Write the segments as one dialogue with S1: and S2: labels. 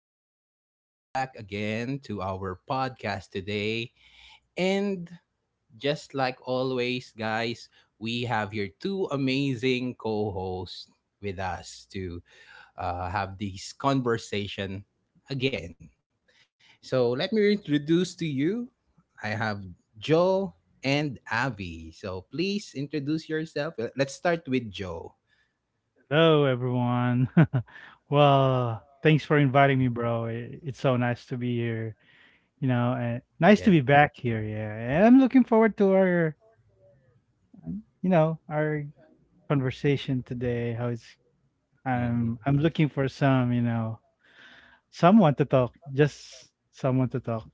S1: everyone? Welcome back again to our podcast today. And just like always, guys, we have here two amazing co hosts with us to have this conversation again. So let me introduce to you I have Joe and Avi. So please introduce yourself. Let's start with Joe.
S2: Hello, everyone. Thanks for inviting me, bro. It's so nice to be here. You know, and
S1: Yeah.
S2: nice to be back here. Yeah, and I'm looking forward to our, you know, our conversation today. How it's
S1: Mm-hmm.
S2: I'm looking for some, you know, someone to talk. Just someone to talk.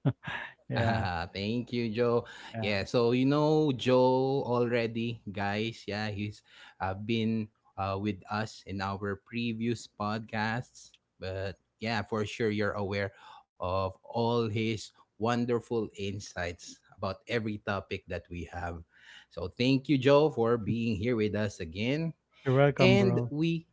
S2: Yeah,
S1: Ah, Thank you, Joe.
S2: yeah.
S1: Yeah, so you know Joe already, guys. Yeah, he's been with us in our previous podcasts. But yeah, for sure you're aware of all his wonderful insights about every topic that we have. So thank you, Joe, for being here with us again.
S2: You're welcome,
S1: And
S2: bro.
S1: we,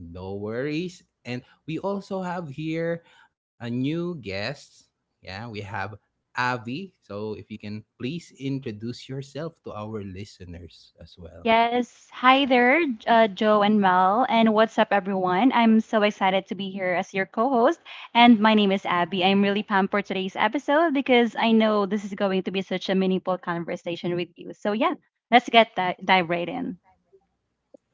S1: no worries. And we also have here a new guest. Yeah, we have Avi. So if you can please introduce yourself to our listeners as well.
S3: Yes. Hi there, Joe and Mel. And what's up, everyone? I'm so excited to be here as your co host. And my name is Abby. I'm really pumped for today's episode because I know this is going to be such a meaningful conversation with you. So, yeah, let's get that, dive right in.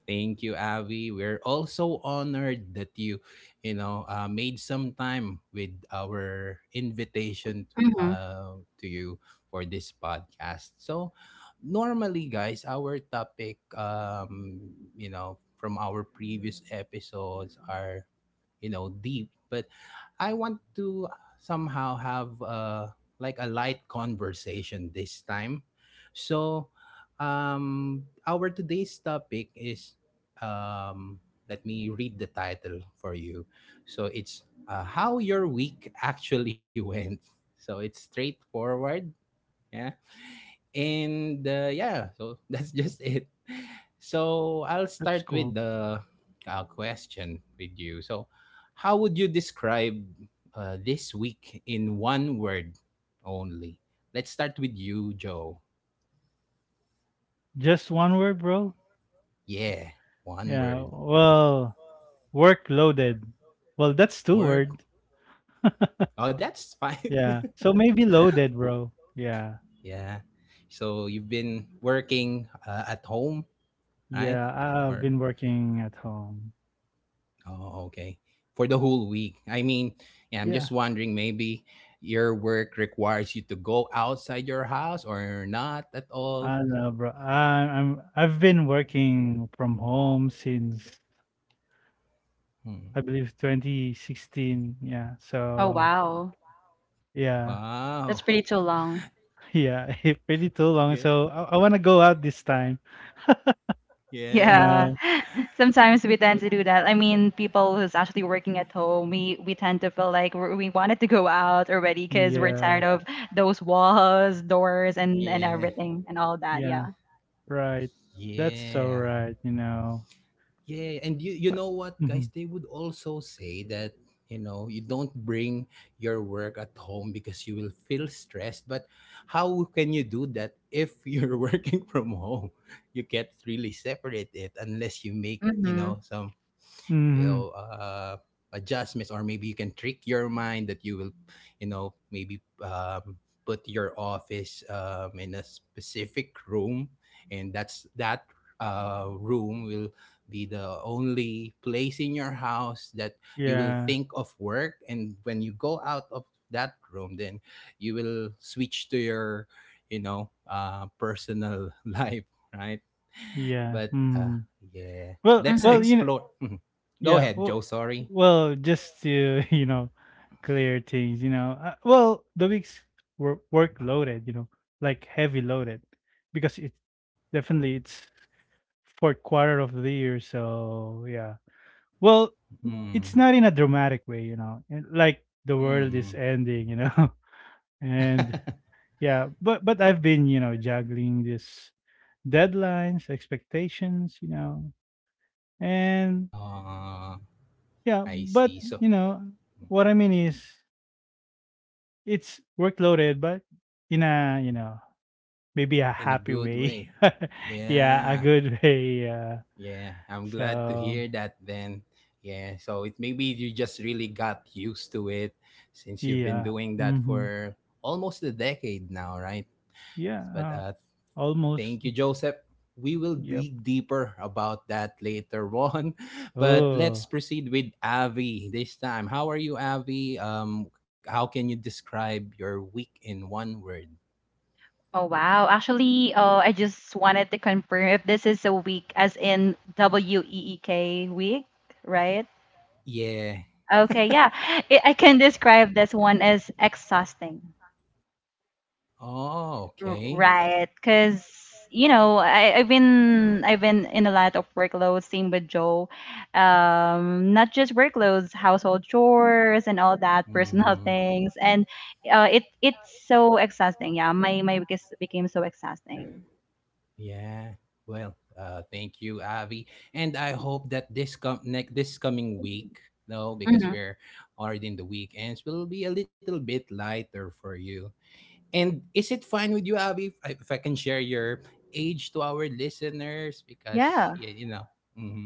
S1: Thank you, Avi. We're also honored that you, made some time with our invitation
S3: hmm
S1: to you for this podcast. So normally, guys, our topic, from our previous episodes are deep, but I want to somehow have like a light conversation this time. So our today's topic is, um let me read the title for you. So it's how your week actually went. So it's straightforward, yeah? And yeah, so that's just it. So I'll
S2: That's
S1: start with
S2: cool.
S1: the question with you. So, how would you describe this week in one word only? Let's start with you, Joe.
S2: Just one word, bro.
S1: Yeah, one
S2: Yeah.
S1: word.
S2: Well, work loaded. Well, that's two
S1: Work.
S2: words.
S1: Oh, that's fine.
S2: Yeah. So maybe loaded,
S1: W-
S2: bro. Yeah.
S1: yeah. So you've been working at home, right?
S2: Yeah. Have
S1: Or
S2: been working at home.
S1: Oh, okay. For the whole week. I mean, yeah, I'm
S2: Yeah.
S1: just wondering maybe your work requires you to go outside your house or not at
S2: I
S1: all.
S2: don't know,
S1: So,
S2: bro. I've been working from home since I
S1: hmm.
S2: believe 2016. Yeah.
S3: Oh,
S2: So
S3: wow.
S2: yeah,
S1: Wow.
S3: That's pretty too long.
S2: yeah, pretty too long.
S1: Yeah.
S2: So I want to go out this time.
S1: Yeah.
S2: You
S3: Yeah,
S2: know.
S3: sometimes we tend
S1: But
S3: to do that. I mean, people who's actually working at home, we tend to feel like we wanted to go out already because we're
S2: Yeah.
S3: tired of those walls, doors, and
S1: yeah.
S3: everything and all that. Yeah.
S2: Yeah. Right. That's so
S1: Yeah.
S2: right. You know.
S1: Yeah, and you
S2: But.
S1: know what,
S2: Mm-hmm.
S1: guys? They would also say that you know you don't bring your work at home because you will feel stressed. But how can you do that if you're working from home? You can't really separate it unless you make you
S3: Mm-hmm.
S1: know some you
S2: Mm-hmm.
S1: know uh, adjustments, or maybe you can trick your mind that you will maybe put your office in a specific room, and that's that room will be the only place in your house that you will
S2: Yeah.
S1: think of work. And when you go out of that room, then you will switch to your personal life, right?
S2: Yeah.
S1: But
S2: Mm.
S1: yeah,
S2: Well,
S1: let's
S2: well,
S3: Mm-hmm.
S2: you know.
S1: explore. Go
S2: Yeah.
S1: ahead,
S2: Well,
S1: Joe. Sorry.
S2: just to you know, clear things. You know, well, the weeks were work loaded. You know, like heavy loaded, because it's fourth quarter of the year. So yeah. Well, it's
S1: Mm.
S2: not in a dramatic way. You know, and like the world
S1: Mm.
S2: is ending. You know, and yeah. But I've been you know juggling this deadlines, expectations. You know, and
S1: Ah,
S2: yeah.
S1: I
S2: But
S1: see. So,
S2: you know, what I mean is it's workloaded, but in a, you know, maybe a
S1: in a
S2: happy
S1: good
S2: way.
S1: way.
S2: Yeah, a
S1: Yeah.
S2: good way, yeah.
S1: Yeah. I'm glad to
S2: So,
S1: hear that then. Yeah. So it maybe you just really got used to it, since you've been
S2: yeah.
S1: doing that
S2: Mhm.
S1: for almost a decade now, right?
S2: Yeah,
S1: But
S2: almost.
S1: thank you, Joseph. We will
S2: Yep.
S1: dig deeper about that later on. But let's
S2: Oh.
S1: proceed with Avi this time. How are you, Avi? How can you describe your week in one word?
S3: Oh wow. Actually, I just wanted to confirm if this is a week, as in W E E K week, right?
S1: Yeah.
S3: Okay. Yeah, I can describe this one as exhausting.
S1: Oh, okay.
S3: Right, because you know I've been in a lot of workloads. Same with Joe, not just workloads, household chores and all that personal
S1: Mm.
S3: things, and it it's so exhausting. Yeah, my week is, became so exhausting.
S1: Yeah. Well, thank you, Avi, and I hope that this next this coming week, no, because
S3: hmm
S1: we're already in the weekends, will be a little bit lighter for you. And is it fine with you, Avi, if if I can share your age to our listeners? Because
S3: Yeah,
S1: yeah, you know.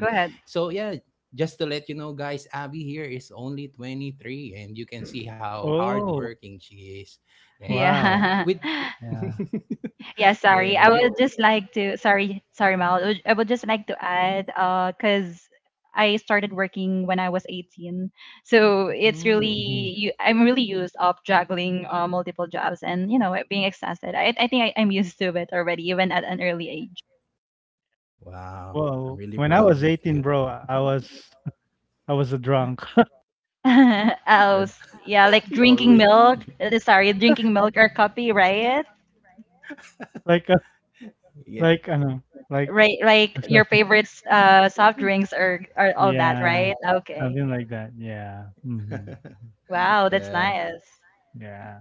S3: go ahead.
S1: So yeah, just to let you know, guys, Avi here is only 23, and you can see how
S2: Oh,
S1: hardworking she is. Yeah,
S2: wow.
S3: Yeah,
S1: with
S2: Yeah.
S3: Yeah, sorry.
S1: yeah,
S3: I
S1: and you.
S3: would just like to, sorry, sorry, Mal. I would just like to add, because I started working when I was 18. So it's really,
S1: Mm.
S2: Mhm.
S3: I'm really used of juggling multiple jobs and, you know, being exhausted. I think I'm used to it already, even at an early age.
S1: Wow. I'm
S2: Well,
S1: really
S2: when I
S1: proud
S2: was
S1: of
S2: 18,
S1: you.
S2: bro, I was I was a drunk.
S3: I
S1: Nad-
S3: was, yeah, like
S1: you
S3: drinking
S1: always do.
S3: milk. Sorry, drinking milk or coffee, right?
S2: Like a
S1: Yeah.
S2: like, I know, like
S3: Right, like
S2: I'm sorry.
S3: your favorites, soft drinks or all that,
S2: Yeah,
S3: right? Okay.
S2: something like that. Yeah. Mhm.
S3: Wow, that's
S1: yeah.
S3: nice.
S2: Yeah.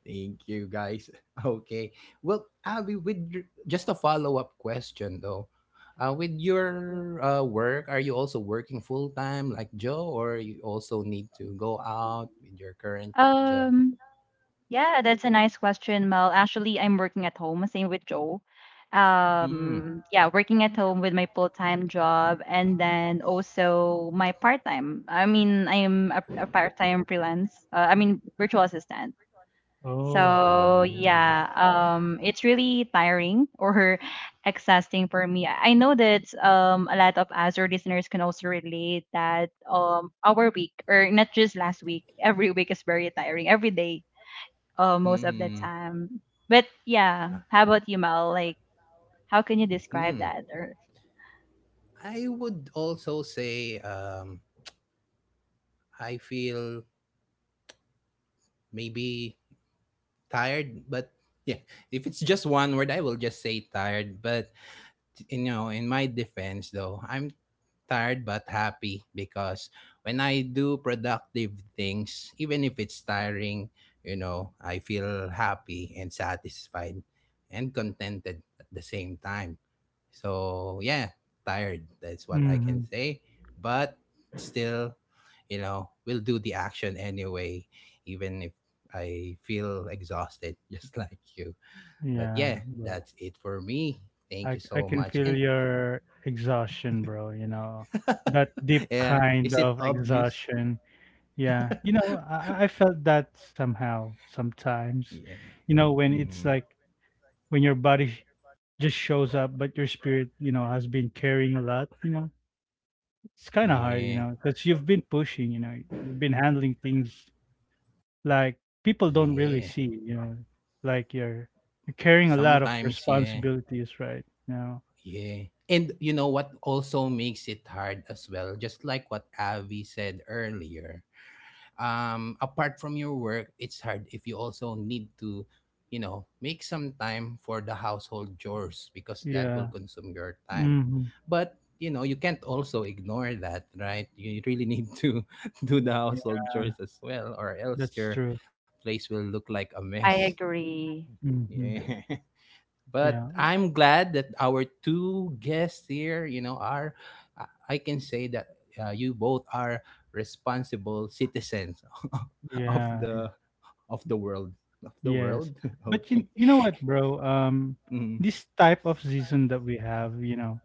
S1: Thank you, guys. Okay. Well, Abby, with just a follow up question though. With your work, are you also working full time like Joe, or you also need to go out with your current job?
S3: Um, yeah, that's a nice question, Mel. Actually, I'm working at home, same with Joe.
S1: Mm.
S3: Yeah, working at home with my full-time job and then also my part-time. I mean, I am a part-time freelance, I mean, virtual assistant.
S2: Oh.
S1: Mm.
S3: So yeah, it's really tiring or exhausting for me. I know that a lot of Azure listeners can also relate that our week or not just last week, every week is very tiring every day most of the
S1: Hmm.
S3: time. But yeah, how about you, Mel? Like, how can you describe
S1: Hmm.
S3: that? Or
S1: I would also say I feel maybe tired, but yeah, if it's just one word, I will just say tired. But you know, in my defense, though, I'm tired but happy, because when I do productive things, even if it's tiring, you know, I feel happy and satisfied and contented at the same time. So yeah, tired. That's what I can
S2: Mhm.
S1: say. But still, you know, we'll do the action anyway, even if I feel exhausted, just like you. But
S2: Yeah,
S1: yeah, that's it for me. Thank you
S2: I
S1: so
S2: can
S1: much.
S2: feel
S1: And
S2: your exhaustion, bro, you know, that deep
S1: yeah,
S2: kind
S1: is it
S2: of
S1: obvious?
S2: exhaustion. Yeah. You know, I felt that somehow sometimes.
S1: Yeah.
S2: You know, when
S1: Mm,
S2: it's like when your just shows up but your spirit, you know, has been carrying a lot, you know. It's kind of hard, you
S1: yeah.
S2: know, because you've been pushing, you know, you've been handling things like people don't
S1: Yeah.
S2: really see, you know, like you're carrying a lot of
S1: Sometimes, yeah.
S2: responsibilities, right? You know.
S1: Yeah. And you know what also makes it hard as well, just like what Avi said earlier, apart from your work, it's hard if you also need to you know make some time for the household chores, because that will
S2: Yeah.
S1: consume your time.
S2: Mhm.
S1: But you know you can't also ignore that, right? You really need to do the household
S2: Yeah,
S1: chores as well, or else
S2: that's
S1: your
S2: true.
S1: place will look like a mess,
S3: I agree.
S2: Mhm.
S1: yeah. But
S2: Yeah,
S1: I'm glad that our two guests here, you know, are, I can say that you both are responsible citizens of
S2: yeah,
S1: the of the world, of the
S2: yes.
S1: world.
S2: But
S1: Okay.
S2: you know what, bro?
S1: Mm.
S2: This type of season that we have, you know,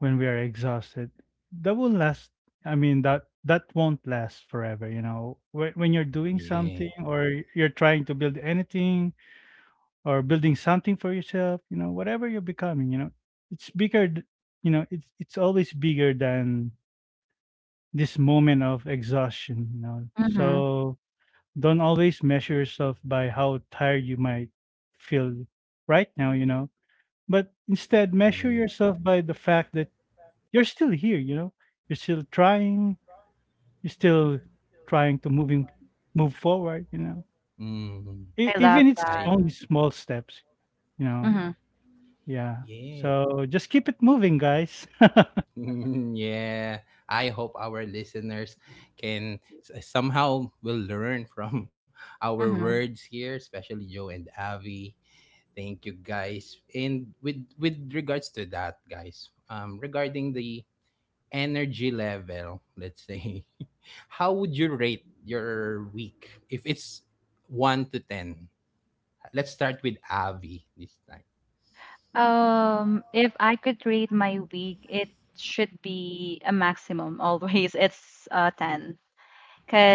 S2: when we are exhausted, that will last. I mean, that won't last forever. You know, when you're doing
S1: Yeah.
S2: something or you're trying to build anything or building something for yourself, you know, whatever you're becoming, you know, it's bigger. You know, it's always bigger than this moment of exhaustion. You know,
S3: Mm-hmm.
S2: so don't always measure yourself by how tired you might feel right now, you know, but instead measure
S1: Yeah.
S2: yourself by the fact that you're still here, you know, you're still trying, you're still trying to moving move forward, you know,
S1: Mm.
S3: I love
S2: Even it's
S1: I
S3: that.
S1: do.
S2: only small steps, you know,
S3: Mm-hmm.
S2: yeah.
S1: Yeah.
S2: So just keep it moving, guys.
S1: Mm, yeah. I hope our listeners can somehow will learn from our
S3: Mm-hmm.
S1: words here, especially Joe and Avi. Thank you, guys. And with regards to that, guys, regarding the energy level, let's say, how would you rate your week if it's one to ten? Let's start with Avi this time.
S3: If I could rate my week, it should be a maximum always. It's 10,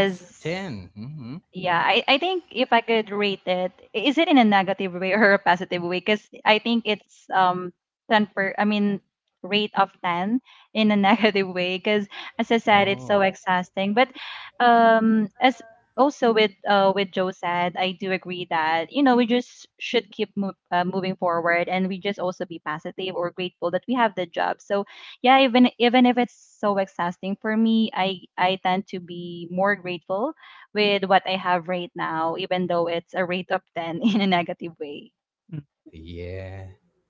S1: It's a ten. Mm-hmm.
S3: Yeah, I think if I could rate it, is it in a negative way or a positive way? Because I think it's 10 per I mean rate of 10 in a negative way. Because as I said, it's
S1: Oh.
S3: so exhausting. But as also with Joe said, I do agree that you know we just should keep moving forward and we just also be positive or grateful that we have the job. So yeah, even even if it's so exhausting for me, I tend to be more grateful with what I have right now, even though it's a rate of 10 in a negative way.
S2: Mm,
S1: Yeah.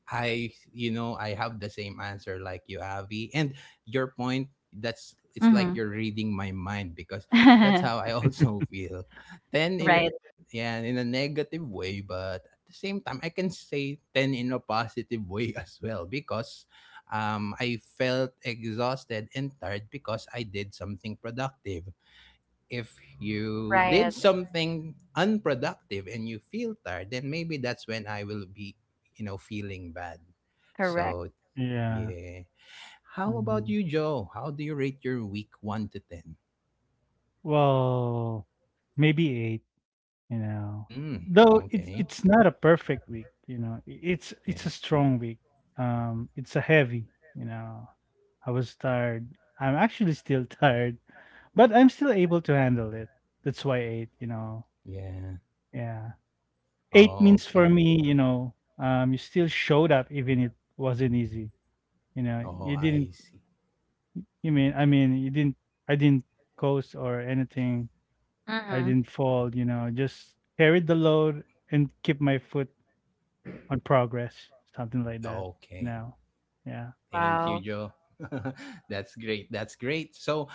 S1: I you know, I have the same answer like you, Avi. And your point that's it's like
S3: Mm-hmm.
S1: you're reading my mind, because that's how I also feel. Ten in
S3: right,
S1: yeah, in a negative way, but at the same time I can say ten in a positive way as well, because I felt exhausted and tired because I did something productive. If you did
S3: right.
S1: something unproductive and you feel tired, then maybe that's when I will be, you know, feeling bad.
S3: Correct.
S1: So
S2: yeah.
S1: yeah. How about
S2: Mhm.
S1: you, Joe? How do you rate your week one to ten?
S2: Well, maybe eight. You know,
S1: Hmm.
S2: though
S1: Okay.
S2: it's not a perfect week, you know, it's a
S1: Yeah.
S2: strong week. Um, it's a heavy, you know, I was tired. I'm actually still tired, but I'm still able to handle it. That's why eight, you know.
S1: Yeah.
S2: Yeah, eight means
S1: Oh,
S2: for
S1: okay.
S2: me, you know, um, you still showed up even it wasn't easy. You know, you
S1: Oh,
S2: didn't
S1: I see.
S2: you didn't I didn't coast or anything. I
S3: Mm-hmm.
S2: didn't fall, you know, just carried the load and keep my foot on progress, something like that, you
S1: Okay.
S2: know? Yeah.
S1: Thank you,
S3: Wow.
S1: Joe. That's great. That's great. So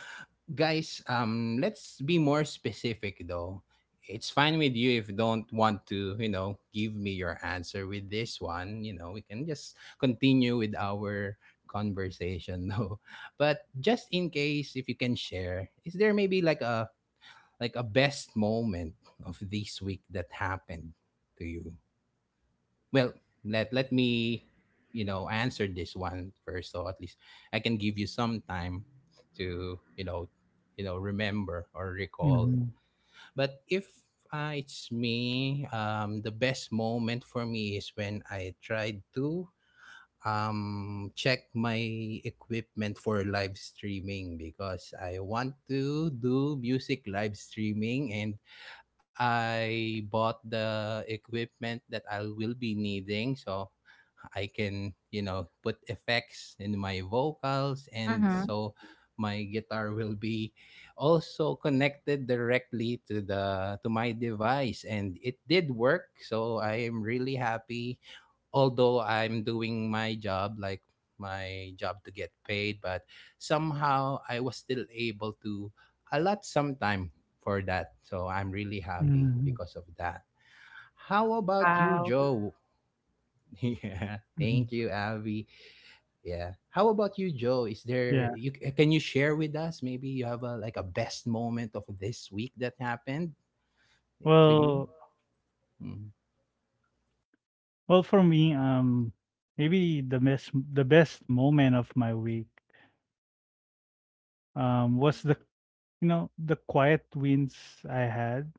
S1: guys, let's be more specific though. It's fine with you if don't want to, you know, give me your answer with this one. You know, we can just continue with our conversation though. But just in case, if you can share, is there maybe like a best moment of this week that happened to you? Well, let me you know answer this one first, so at least I can give you some time to you know remember or recall.
S2: Mhm,
S1: But if it's me, the best moment for me is when I tried to check my equipment for live streaming, because I want to do music live streaming, and I bought the equipment that I will be needing, so I can, you know, put effects in my vocals, and
S3: Mm-hmm.
S1: so my guitar will be also connected directly to the to my device, and it did work. So I am really happy. Although I'm doing my job, like my job to get paid, but somehow I was still able to allot some time for that. So I'm really happy
S2: mhm,
S1: because of that. How about you,
S3: Wow.
S1: Joe? Yeah,
S2: mhm.
S1: thank you, Avi. Yeah. How about you, Joe? Is there
S2: Yeah.
S1: you can you share with us? Maybe you have a like a best moment of this week that happened to you.
S2: Well
S1: Mm.
S2: well, for me, maybe the best moment of my week, was the you know, the quiet wins I had.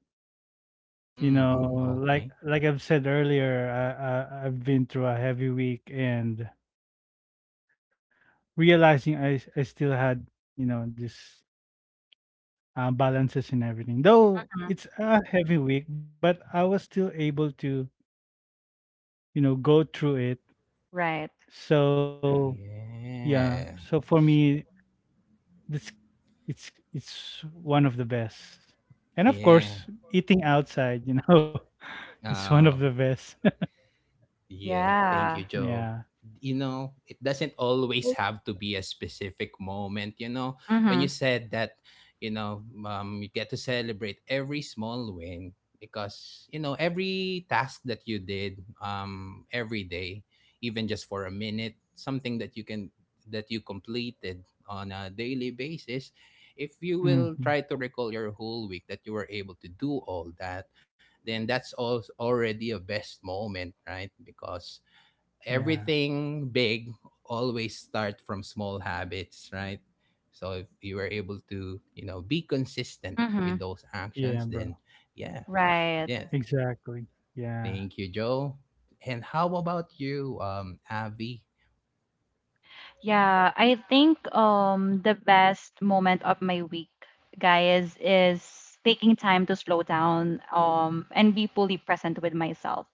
S2: You know,
S1: Mm, okay.
S2: like I've said earlier, I've been through a heavy week and realizing I still had, you know, this balances and everything. Though
S3: Mm-hmm.
S2: it's a heavy week, but I was still able to, you know, go through it.
S3: Right.
S2: So yeah,
S1: Yeah.
S2: so for me, this it's one of the best. And of
S1: Yeah.
S2: course, eating outside, you know, it's one of
S1: Oh,
S2: the best.
S1: yeah. Thank you,
S3: Yeah.
S1: Joe.
S2: Yeah.
S1: You know, it doesn't always have to be a specific moment. You know, when you
S3: Mm-hmm.
S1: said that, you know, you get to celebrate every small win, because, you know, every task that you did every day, even just for a minute, something that you can, that you completed on a daily basis, if you will try to
S2: Hmm.
S1: recall your whole week that you were able to do all that, then that's already a best moment, right? Because
S2: Yeah.
S1: everything big always start from small habits, right? So if you were able to, you know, be consistent
S3: Mm-hmm.
S1: with those actions, then
S2: Yeah, bro.
S1: yeah,
S3: Right.
S1: yeah.
S2: Exactly.
S1: Thank you,
S2: Yeah.
S1: Joe. And how about you, Avi?
S3: Yeah, I think the best moment of my week, guys, is taking time to slow down and be fully present with myself.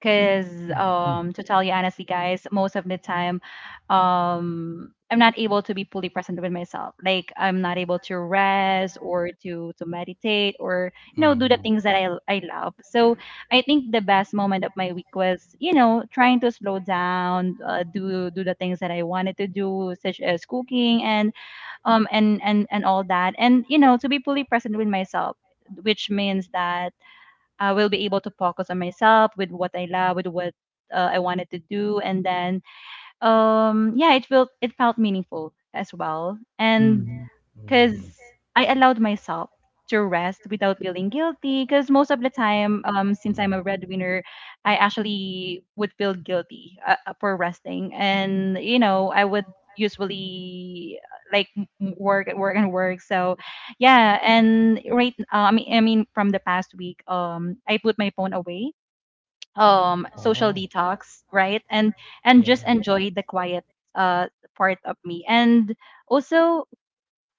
S3: Because to tell
S2: Mm-hmm.
S3: you honestly, guys, most of the time, I'm not able to be fully present with myself. Like I'm not able to rest or to meditate or you know do the
S1: Mm,
S3: things that I love.
S1: mm,
S3: So I think the best moment of my week was you know trying to slow down, do the things that I wanted to do, such as cooking and and all that, and you know to be fully present with myself, which means that I will be able to focus on myself with what I love, with what I wanted to do, and then yeah, it felt meaningful as well. And
S2: Mm-hmm.
S1: mm.
S3: because I allowed myself to rest without feeling guilty. Because most of the time, since I'm a breadwinner, I actually would feel guilty for resting, and you know, I would usually like work and work and work. So, yeah, and right, I mean, from the past week, I put my phone away social
S1: Oh,
S3: detox right and
S1: yeah,
S3: just enjoy the quiet uh part of me and also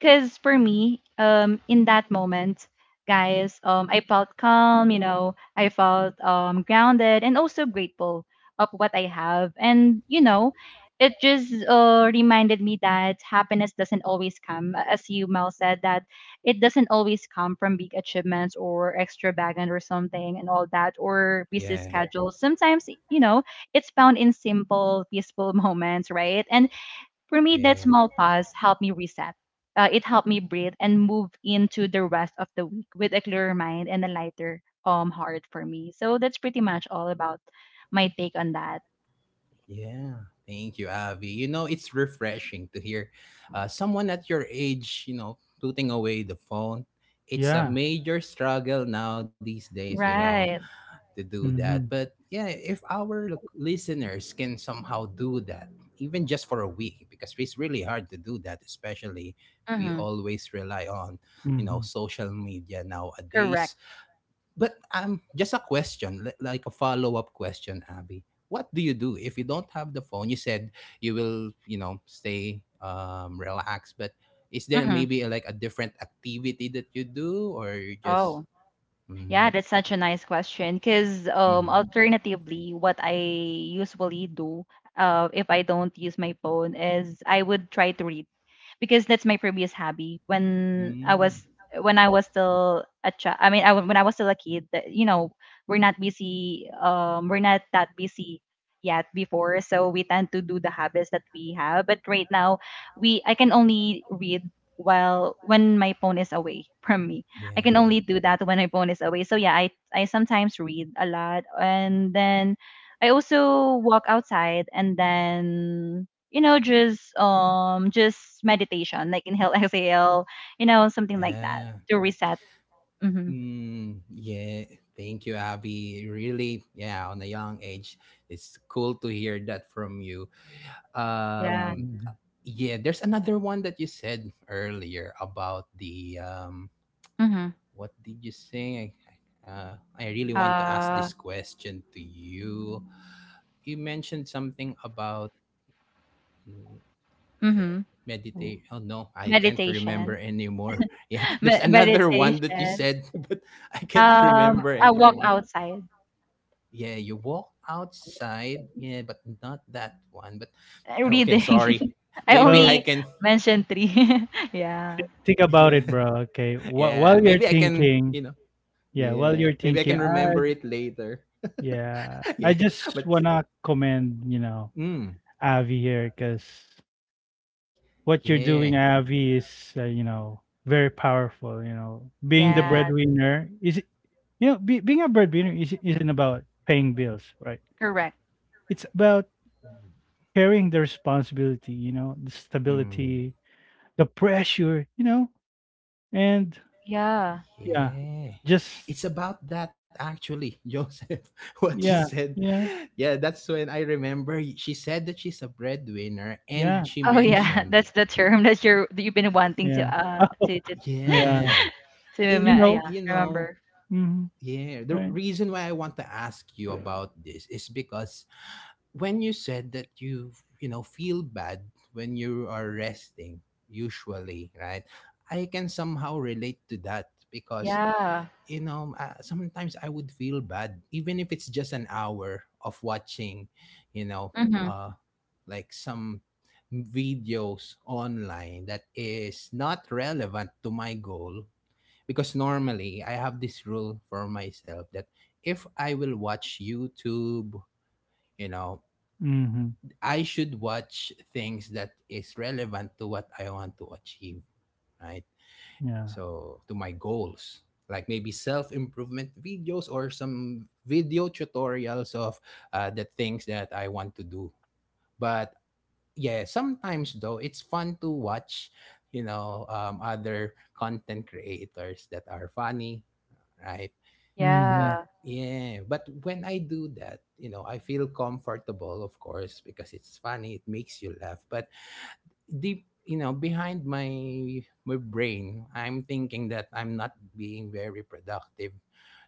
S3: because for me, in that moment, guys, I felt calm. You know, I felt grounded and also grateful of what I have. And you know, it just reminded me that happiness doesn't always come, as you Mel said, that it doesn't always come from big achievements or extravagant or something and all that or busy
S1: yeah.
S3: schedules. Sometimes, you know, it's found in simple, peaceful moments, right? And for me, that
S1: Yeah.
S3: small pause helped me reset. It helped me breathe and move into the rest of the week with a clearer mind and a lighter heart for me. So that's pretty much all about my take on that.
S1: Yeah. Thank you, Avi. You know, it's refreshing to hear someone at your age, you know, putting away the phone. It's a
S2: Yeah.
S1: major struggle now these days, you know,
S3: Right.
S1: to do that.
S2: Mm-hmm.
S1: But yeah, if our listeners can somehow do that, even just for a week, because it's really hard to do that, especially we
S3: Mm-hmm.
S1: always rely on, you know,
S2: Mm-hmm.
S1: social media
S3: Correct.
S1: nowadays. But just a question, like a follow-up question, Abby. What do you do if you don't have the phone? You said you will, stay relaxed, but is there
S3: Mm-hmm.
S1: maybe like a different activity that you do, or you just?
S3: Oh.
S1: Mm-hmm,
S3: Yeah, that's such a nice question. Because
S1: mm-hmm.
S3: alternatively, what I usually do, if I don't use my phone, is I would try to read, because that's my previous hobby.
S1: Mm,
S3: When I was still a child, I mean, when I was still a kid, that- you know, we're not busy. We're not that busy yet before, so we tend to do the habits that we have. But right now, we I can only read while when my phone is away from me I can
S1: yeah,
S3: only do that when my phone is away. So yeah, I sometimes read a lot and then I also walk outside and then you know just meditation like inhale exhale you know something like that
S1: yeah.
S3: to reset. Mm-hmm.
S1: Mm, yeah. Thank you, Abby. Really, yeah. On a young age, it's cool to hear that from you.
S3: Yeah.
S1: Um,
S2: Mm-hmm.
S1: Yeah, there's another one that you said earlier about the
S3: Mm-hmm.
S1: what did you say? I really want to ask this
S3: uh
S1: question to you. You mentioned something about mm, yeah,
S3: mm-hmm.
S1: meditate. Oh no, I can't remember
S3: meditation
S1: anymore. Yeah, there's
S3: Me-
S1: another one that you
S3: meditation
S1: said, but I can't
S3: um
S1: remember
S3: I walk
S1: anymore.
S3: outside.
S1: Yeah, you walk outside. Yeah, but not that one. But oh, okay,
S3: Reading.
S1: sorry.
S3: I
S1: Maybe I
S2: Well,
S3: only
S1: can.
S3: mentioned three. yeah,
S2: think about
S1: Yeah,
S2: it, bro. Okay,
S1: yeah.
S2: while you're
S1: Maybe I can.
S2: thinking,
S1: You know.
S2: yeah, while
S1: Yeah.
S2: you're
S1: Maybe I
S2: thinking,
S1: can
S2: I
S1: remember it later.
S2: yeah, I
S1: yeah.
S2: just
S1: But
S2: wanna commend you know
S1: mm,
S2: Avi here because what you're doing,
S1: yeah.
S2: Avi, is you know very powerful. You know, being the
S3: yeah.
S1: Yeah.
S2: breadwinner is you know being a breadwinner is, isn't about paying bills, right?
S3: Correct.
S2: It's about carrying the responsibility. You know, the
S1: Mm,
S2: stability, the pressure. You know, and
S3: Yeah.
S2: yeah,
S1: yeah.
S2: just
S1: It's about that actually, Joseph. What you
S2: yeah,
S1: said.
S2: yeah.
S1: Yeah, that's when I remember she said that she's a breadwinner and
S2: Yeah.
S1: she
S3: Oh
S2: Mhm.
S3: yeah,
S1: mentioned.
S3: that's the term that you're that you've been wanting to
S2: Yeah.
S3: to
S2: Yeah.
S1: Yeah.
S2: You
S1: And
S3: yeah,
S2: know.
S3: remember.
S2: Mhm.
S1: yeah, the
S2: Right.
S1: reason why I want to ask you about this is because when you said that you know feel bad when you are resting, usually, right? I can somehow relate to that because
S3: Yeah.
S1: sometimes I would feel bad even if it's just an hour of watching, you know
S3: Mm-hmm.
S1: uh like some videos online that is not relevant to my goal, because normally I have this rule for myself that if I will watch YouTube, you know
S2: Mhm.
S1: I should watch things that is relevant to what I want to achieve, right?
S2: Yeah.
S1: So to my goals, like maybe self-improvement videos or some video tutorials of the things that I want to do. But yeah, sometimes though it's fun to watch, other content creators that are funny, right? But
S2: Mhm.
S3: Yeah.
S1: yeah, but when I do that, I feel comfortable, of course, because it's funny, it makes you laugh. But deep behind my brain I'm thinking that I'm not being very productive,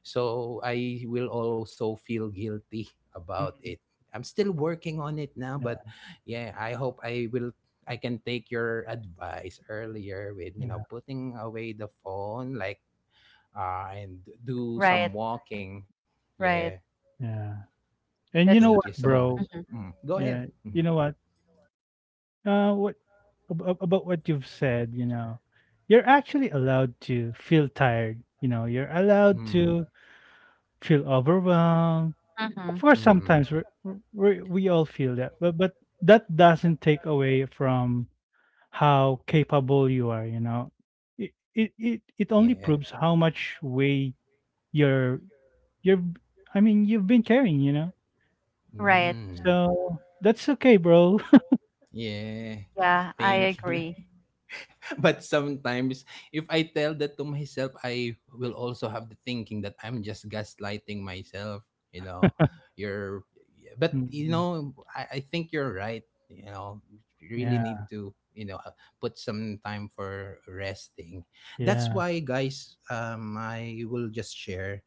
S1: so I will also feel guilty about it.
S2: Mhm.
S1: I'm still working on it now, but
S2: Yeah,
S1: yeah, I hope I can take your advice earlier with
S2: yeah,
S1: putting away the phone, like and do
S3: Right.
S1: some walking. Yeah,
S3: Right.
S2: yeah. And you
S3: That's
S1: thank
S2: know
S1: you
S2: what,
S1: so much.
S2: bro?
S3: mm-hmm.
S1: Mm, go ahead,
S2: Yeah.
S1: mm,
S2: You know what? What ab ab about what you've said, you know, you're actually allowed to feel tired, you know, you're allowed
S1: mm,
S2: to feel overwhelmed.
S3: Mm-hmm.
S2: Of course,
S1: mm,
S2: sometimes we're, we all feel that, but that doesn't take away from how capable you are, you know. It only
S1: yeah.
S2: proves how much weight you're you're I mean you've been carrying, you know,
S3: Right.
S1: Mm.
S2: so that's okay, bro.
S1: Yeah.
S3: Yeah, I
S1: Thank you.
S3: agree.
S1: But sometimes if I tell that to myself, I will also have the thinking that I'm just gaslighting myself, you know. You're yeah, but
S2: Mhm.
S1: I think you're right, you know. You really
S2: Yeah,
S1: need to, put some time for resting. That's
S2: yeah.
S1: why, guys, I will just share,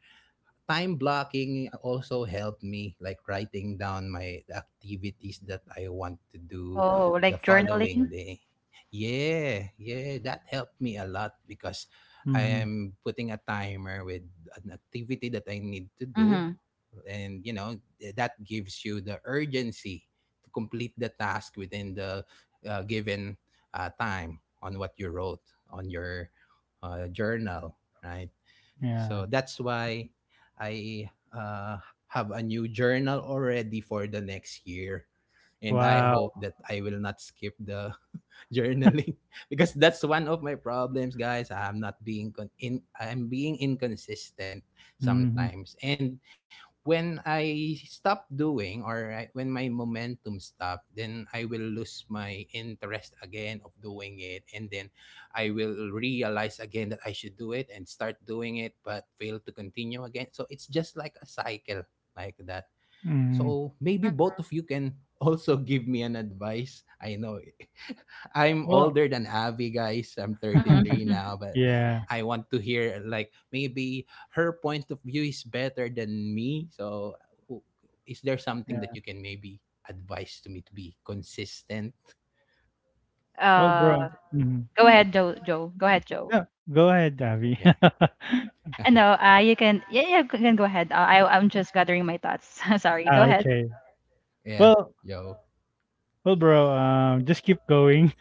S1: time blocking also helped me, like writing down my the activities that I want to do
S3: Oh,
S1: the
S3: like
S1: following
S3: journaling?
S1: day. Yeah, yeah, that helped me a lot because I
S2: Hmm.
S1: am putting a timer with an activity that I need to do,
S3: Mm-hmm.
S1: and that gives you the urgency to complete the task within the given time on what you wrote on your journal, right?
S2: Yeah.
S1: So that's why I have a new journal already for the next year, and I
S2: Wow.
S1: hope that I will not skip the journaling because that's one of my problems, guys. I'm not being con- in I'm being inconsistent
S2: Hmm.
S1: sometimes. And when I stop doing, when my momentum stop, then I will lose my interest again of doing it, and then I will realize again that I should do it and start doing it but fail to continue again. So it's just like a cycle like that.
S2: Hmm.
S1: So maybe both of you can also give me an advice. I know I'm
S2: Well.
S1: older than Avi, guys. I'm 33
S3: Mm-hmm.
S1: now, but
S2: Yeah,
S1: I want to hear like maybe her point of view is better than me. So w- is there something that
S2: yeah.
S1: you can maybe advise to me to be consistent?
S2: Well,
S3: Uh,
S2: bro, hmm,
S3: go ahead, Joe. Go ahead, Joe.
S2: yeah, go ahead, Davi.
S1: Yeah.
S3: And no, you can. Yeah, yeah, you can go ahead. I I'm just gathering my thoughts. Sorry. Go
S2: Ah,
S3: ahead.
S2: okay,
S1: yeah.
S2: well,
S1: Yo.
S2: bro, um, just keep going.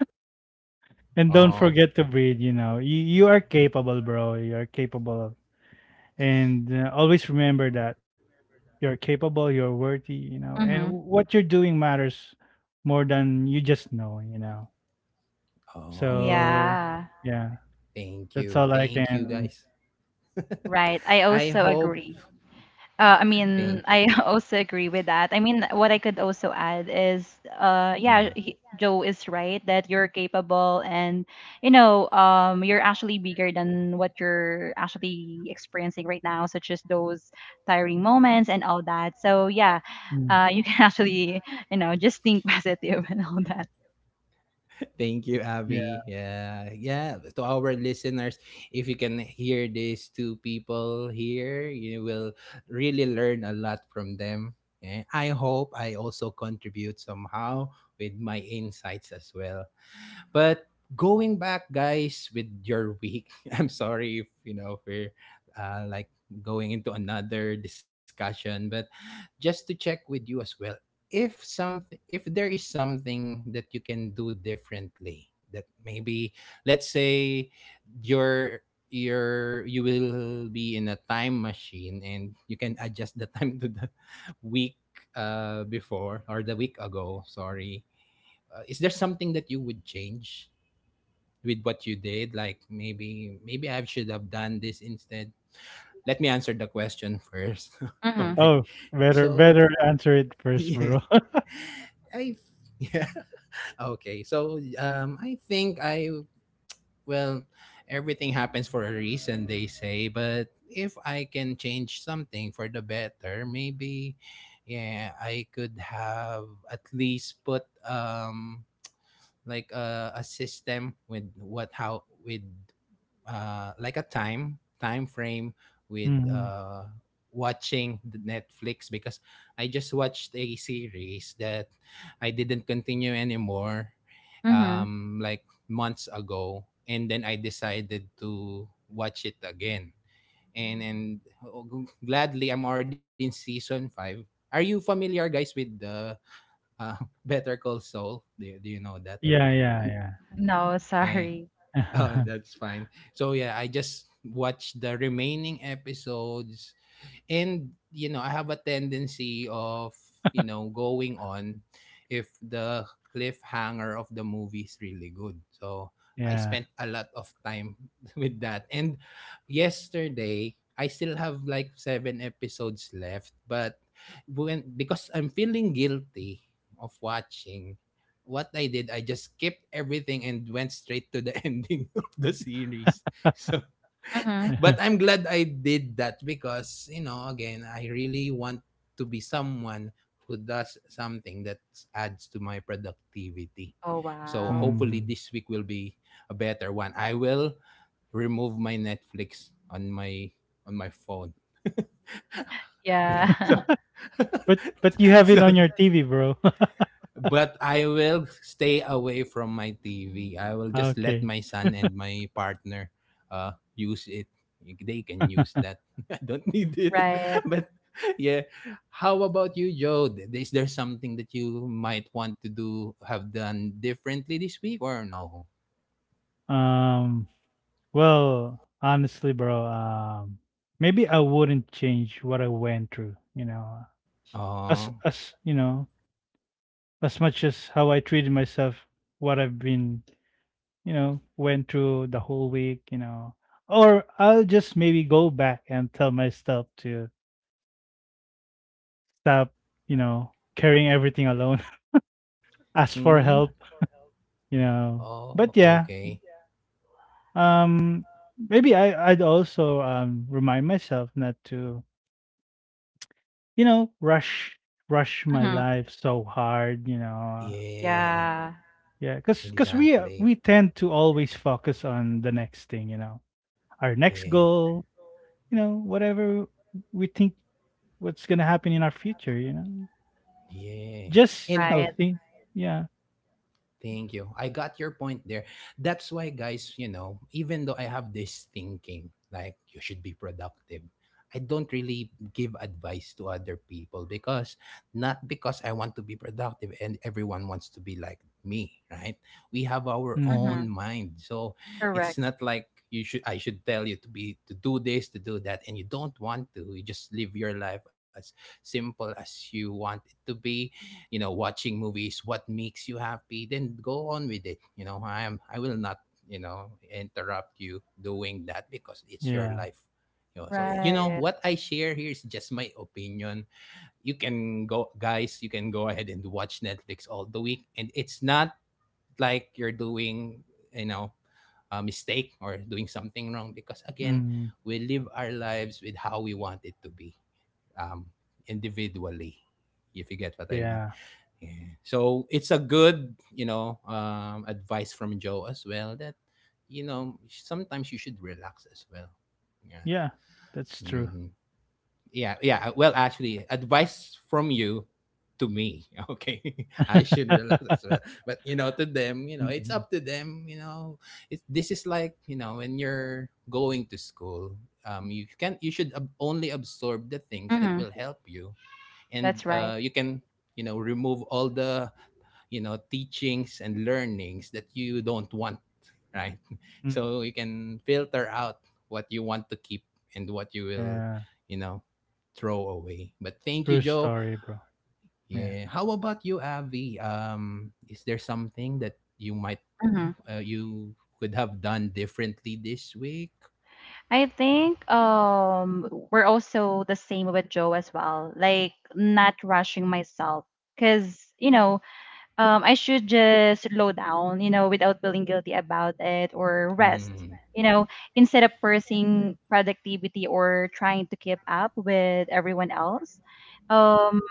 S2: And don't
S1: Oh.
S2: forget to breathe, you know. You are capable, bro. You are capable. And always remember that you're capable, you're worthy, you know. And
S3: Mm-hmm.
S2: what you're doing matters more than you just know, you know.
S1: Oh yeah.
S2: So,
S3: Yeah.
S2: yeah,
S1: Thank
S2: that's
S1: you.
S2: all I
S1: Thank you
S2: can.
S1: guys.
S3: Right. I
S1: I
S3: also
S1: hope.
S3: agree. I mean,
S1: Thank you.
S3: I also agree with that. I mean, what I could also add is, yeah,
S1: Mm.
S3: Joe is right that you're capable, and you know, you're actually bigger than what you're actually experiencing right now, such as those tiring moments and all that. So yeah,
S2: Mm,
S3: you can actually, you know, just think positive and all that.
S1: Thank you, Abby.
S2: yeah.
S1: Yeah, yeah. To our listeners, if you can hear these two people here, you will really learn a lot from them. Eh, I hope I also contribute somehow with my insights as well. But going back, guys, with your week, I'm sorry if if we're like going into another discussion, but just to check with you as well, if there is something that you can do differently, that maybe, let's say, your your you will be in a time machine and you can adjust the time to the week before, or the week ago, sorry. Is there something that you would change with what you did, like maybe maybe I should have done this instead. Let me answer the question first.
S3: Mm-hmm.
S1: Okay,
S2: Oh, better
S1: so
S2: better answer it first,
S1: yeah,
S2: bro.
S1: I, yeah. Okay, so I think I well everything happens for a reason, they say, but if I can change something for the better, maybe yeah, I could have at least put like a system with what how with like a time frame with
S2: Hmm.
S1: watching the Netflix, because I just watched a series that I didn't continue anymore
S3: Mm-hmm.
S1: like months ago, and then I decided to watch it again. And oh, g- gladly, I'm already in season five. Are you familiar, guys, with the uh, Better Call Saul? Do you know that or
S2: Yeah,
S1: no?
S2: yeah, yeah.
S3: No,
S1: Yeah.
S3: sorry.
S1: Oh, that's fine. So yeah, I just watched the remaining episodes, and you know I have a tendency of going on if the cliffhanger of the movie is really good. So I
S2: Yeah.
S1: spent a lot of time with that, and yesterday I still have like seven episodes left, but when, because I'm feeling guilty of watching, what I did, I just skipped everything and went straight to the ending of the series. So
S3: Mm-hmm.
S1: but I'm glad I did that because, you know, again, I really want to be someone who does something that adds to my productivity.
S3: Oh
S1: So
S3: wow.
S1: hopefully
S2: Hmm.
S1: this week will be a better one. I will remove my Netflix on my phone. Yeah. So
S3: Yeah.
S2: But you have it
S1: so
S2: on your TV, bro.
S1: but I will stay away from my TV. I will just let
S2: Okay.
S1: my son and my partner use it. They can use that. I don't need it.
S3: Right.
S1: But yeah, how about you, Joe? Th- Is there something that you might want to do have done differently this week or no?
S2: Um, well, honestly, bro, maybe I wouldn't change what I went through, you know,
S1: Oh,
S2: as you know, as much as how I treated myself, what I've been, you know, went through the whole week, you know, or I'll just maybe go back and tell myself to stop, you know, carrying everything alone, ask for
S1: hmm?
S2: help, you know.
S1: Oh,
S2: But yeah,
S1: okay.
S2: um, maybe I I'd also remind myself not to you know, rush my
S3: Mm-hmm.
S2: life so hard, you know.
S1: Yeah,
S3: Yeah.
S2: Yeah, cuz cuz
S1: exactly.
S2: we tend to always focus on the next thing, you know. Our next
S1: Yeah,
S2: goal, you know, whatever we think what's going to happen in our future, you know.
S1: yeah.
S2: Just, you
S1: And
S2: know,
S3: Right.
S2: think yeah.
S1: thank you. I got your point there. That's why, guys, you know, even though I have this thinking, like you should be productive, I don't really give advice to other people because not because I want to be productive and everyone wants to be like me, right? We have our
S2: Mhm.
S3: Mhm.
S1: own mind. So it's
S3: Correct.
S1: not like you should I should tell you to be to do this, to do that, and you don't want to. You just live your life as simple as you want it to be, you know. Watching movies, what makes you happy, then go on with it, you know. I will not, you know, interrupt you doing that because it's your
S2: Yeah.
S1: life, you know. So you know
S3: Right.
S1: what I share here is just my opinion. You can go, guys, you can go ahead and watch Netflix all the week, and it's not like you're doing, you know, a mistake or doing something wrong, because again,
S2: Mhm.
S1: we live our lives with how we want it to be, um individually, if you get what I mean.
S2: Yeah.
S1: Yeah. So it's a good, advice from Joe as well that, you know, sometimes you should relax as well. Yeah.
S2: Yeah. That's true.
S1: Hmm. Yeah. Yeah. Well, actually, advice from you to me. Okay. I should relax as well. But, you know, to them, you know, it's
S2: Mhm.
S1: up to them. You know, this is like, you know, when you're going to school. You can you should ab- only absorb the things that
S3: Mhm.
S1: will help you, and
S3: That's right.
S1: you can, you know, remove all the, you know, teachings and learnings that you don't want, right?
S2: Mhm.
S1: So you can filter out what you want to keep and what you will,
S2: Yeah.
S1: you know, throw away. But thank you,
S2: True
S1: Joe.
S2: story, bro. Yeah.
S1: Yeah, how about you, Avi? Is there something that you might
S3: Mhm.
S1: you could have done differently this week?
S3: I
S1: Yeah,
S3: think we're also the same with Joe as well. Like not rushing myself cuz you know, I should just slow down, you know, without feeling guilty about it or rest,
S1: mm,
S3: you know, instead of forcing productivity or trying to keep up with everyone else. Um,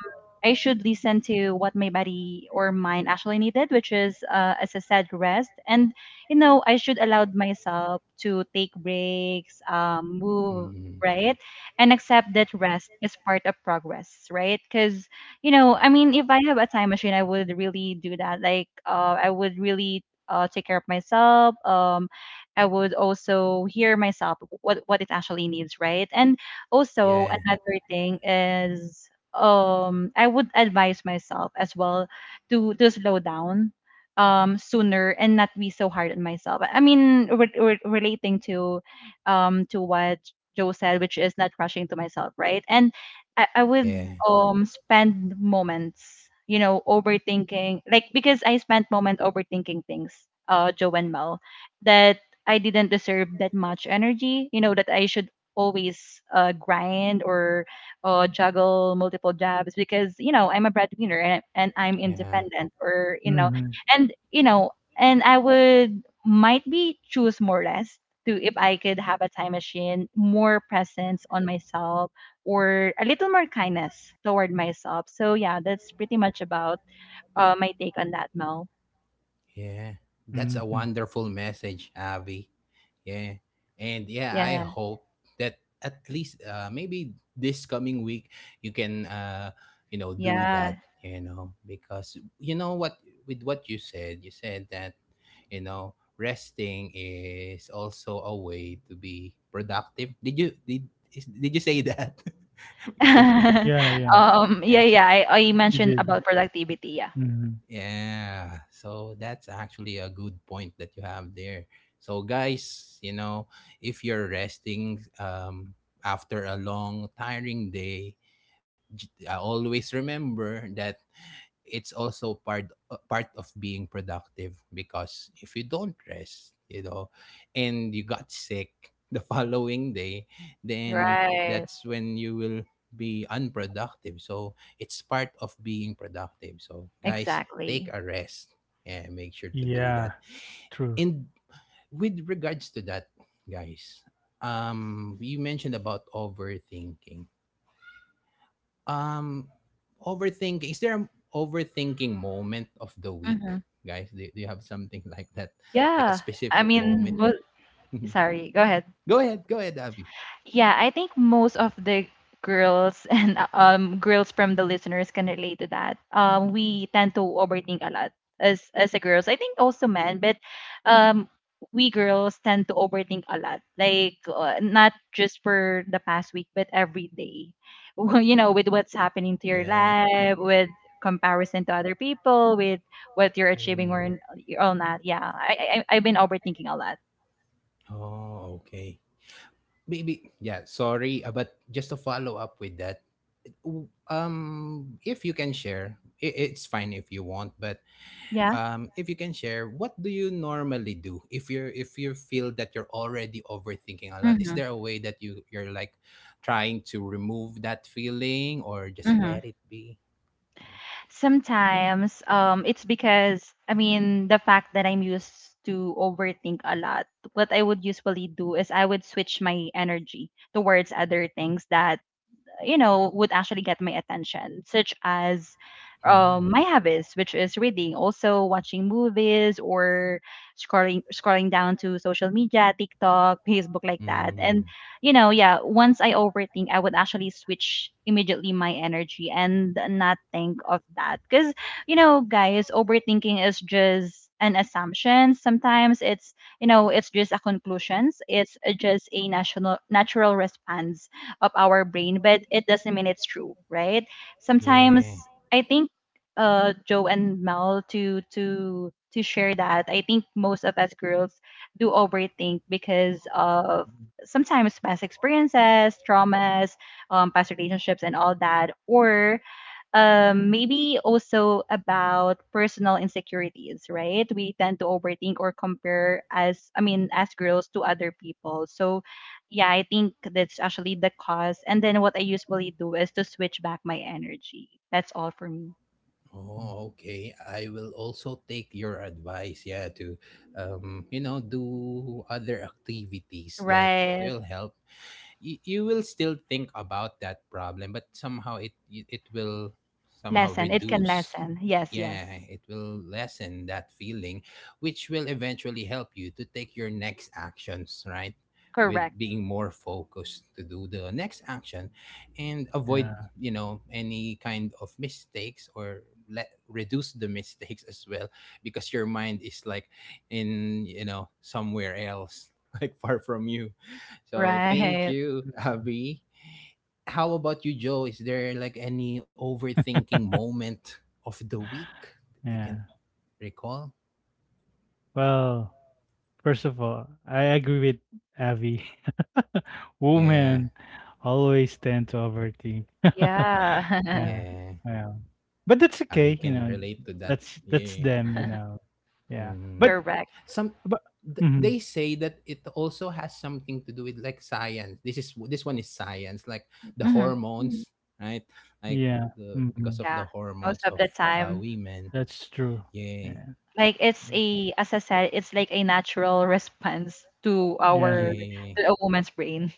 S3: I should listen to what my body or mind actually needed, which is, as I said, rest. And, you know, I should allow myself to take breaks, move,
S1: mm,
S3: right? And accept that rest is part of progress, right? Because you know, I mean, if I have a time machine, I would really do that. Like, I would really take care of myself. I would also hear myself what it actually needs, right? And also
S1: yeah,
S3: another thing is, I would advise myself as well to slow down sooner and not be so hard on myself. I mean relating to what Joe said, which is not rushing to myself, right? And I would
S1: yeah,
S3: spend moments, you know, overthinking. Like because I spent moment overthinking things, Joe and Mel, that I didn't deserve that much energy, you know, that I should always grind or juggle multiple jobs because, you know, I'm a breadwinner and I'm
S1: yeah.
S3: independent or
S2: Mhm.
S3: you know and I would might be choose more rest to if I could have a time machine, more presence on myself or a little more kindness toward myself. So yeah, that's pretty much about my take on that, Mel.
S1: Yeah, that's a
S2: Mhm.
S1: wonderful message, Avi. Yeah, and yeah, I
S3: Yeah,
S1: hope that at least maybe this coming week you can, you know, do that.
S3: yeah.
S1: You know, because you know what, with what you said that, you know, resting is also a way to be productive. Did you say that? Because that's
S2: Yeah, yeah.
S3: Yeah,
S1: yeah,
S3: yeah. I
S2: You
S3: mentioned
S2: did.
S3: about productivity. Yeah,
S2: Mhm.
S1: yeah, so that's actually a good point that you have there. So guys, you know, if you're resting after a long tiring day, always remember that it's also part part of being productive because if you don't rest, you know, and you got sick the following day, then
S3: right.
S1: that's when you will be unproductive. So it's part of being productive. So guys, take
S3: Exactly.
S1: a rest and make sure to do that.
S2: Yeah, true.
S1: And with regards to that, guys, you mentioned about overthinking, um, overthinking. Is there an overthinking moment of the
S3: Mm-hmm.
S1: week, guys? Do you have something like that, like a
S3: Yeah. I
S1: specific
S3: mean,
S1: moment?
S3: well,
S1: You
S3: sorry. Go ahead.
S1: go ahead, Abby.
S3: Yeah, I think most of the girls and girls from the listeners can relate to that. We tend to overthink a lot as a girls. I think also men, but um we girls tend to overthink a lot. Like not just for the past week, but every day. Well, you know, with what's happening to
S1: Yeah.
S3: your life, with comparison to other people, with what you're
S1: Mm.
S3: achieving or not. Yeah, I I've been overthinking a lot.
S1: Oh, okay. Maybe, yeah. Sorry, but just to follow up with that, if you can share, I it's fine if you want, but
S3: Yeah.
S1: if you can share, what do you normally do if you're if you feel that you're already overthinking a lot? Is
S3: Mm-hmm.
S1: there a way that you you're like trying to remove that feeling or just let it be?
S3: Sometimes it's because I mean the fact that I'm used to overthink a lot. What I would usually do is I would switch my energy towards other things that you know would actually get my attention such as
S1: Mm,
S3: my habits, which is reading, also watching movies or scrolling down to social media, tiktok, facebook, like that. And
S1: mm,
S3: you know, yeah, once I overthink I would actually switch immediately my energy and not think of that, because you know guys, overthinking is just an assumption. Sometimes it's, you know, it's just a conclusions, it's just a national natural response of our brain, but it doesn't mean it's true, right?
S1: yeah.
S3: Sometimes I think Joe and Mel to share that I think most of us girls do overthink because of sometimes past experiences, traumas, past relationships, and all that, or maybe also about personal insecurities, right? We tend to overthink or compare as, I mean, as girls to other people. So, yeah, I think that's actually the cause. And then what I usually do is to switch back my energy. That's all for me.
S2: Mhm.
S1: Oh, okay. I will also take your advice. Yeah, to you know, do other activities that
S3: Right.
S1: will help you. You will still think about that problem, but somehow it will somehow
S3: Lessen. It can
S1: reduce.
S3: lessen. Yes, yes.
S1: Yeah, it will lessen that feeling, which will eventually help you to take your next actions, right, with
S3: Correct.
S1: being more focused to do the next action and avoid,
S2: Yeah,
S1: you know, any kind of mistakes or let reduce the mistakes as well, because your mind is like in, you know, somewhere else like far from you. So thank
S3: Right.
S1: you,
S2: mm,
S1: Abby. How about you, Joe? Is there like any overthinking moment of the week that you
S2: yeah.
S1: can recall?
S2: Well, first of all, I agree with Avi. Women
S1: Yeah,
S2: always tend to overthink.
S3: Yeah.
S2: Yeah,
S1: yeah,
S2: yeah. But that's
S1: I
S2: okay, you
S1: can
S2: know.
S1: relate to that.
S2: That's
S1: Yeah.
S2: them, you know. Yeah.
S1: Mm.
S3: Correct.
S1: Some
S2: But mhm,
S1: they say that it also has something to do with like science. This one is science, like the
S3: Mm-hmm.
S1: hormones, right? Like,
S2: yeah.
S1: the because of the
S2: Mhm,
S3: Yeah.
S1: hormones
S3: Most
S1: of
S3: of the time.
S1: women.
S2: that's true.
S1: Yeah,
S2: Yeah.
S3: Like it's
S2: Mhm.
S3: a, as I said, it's like a natural response to our
S2: Yeah.
S1: yeah.
S3: to a woman's brain.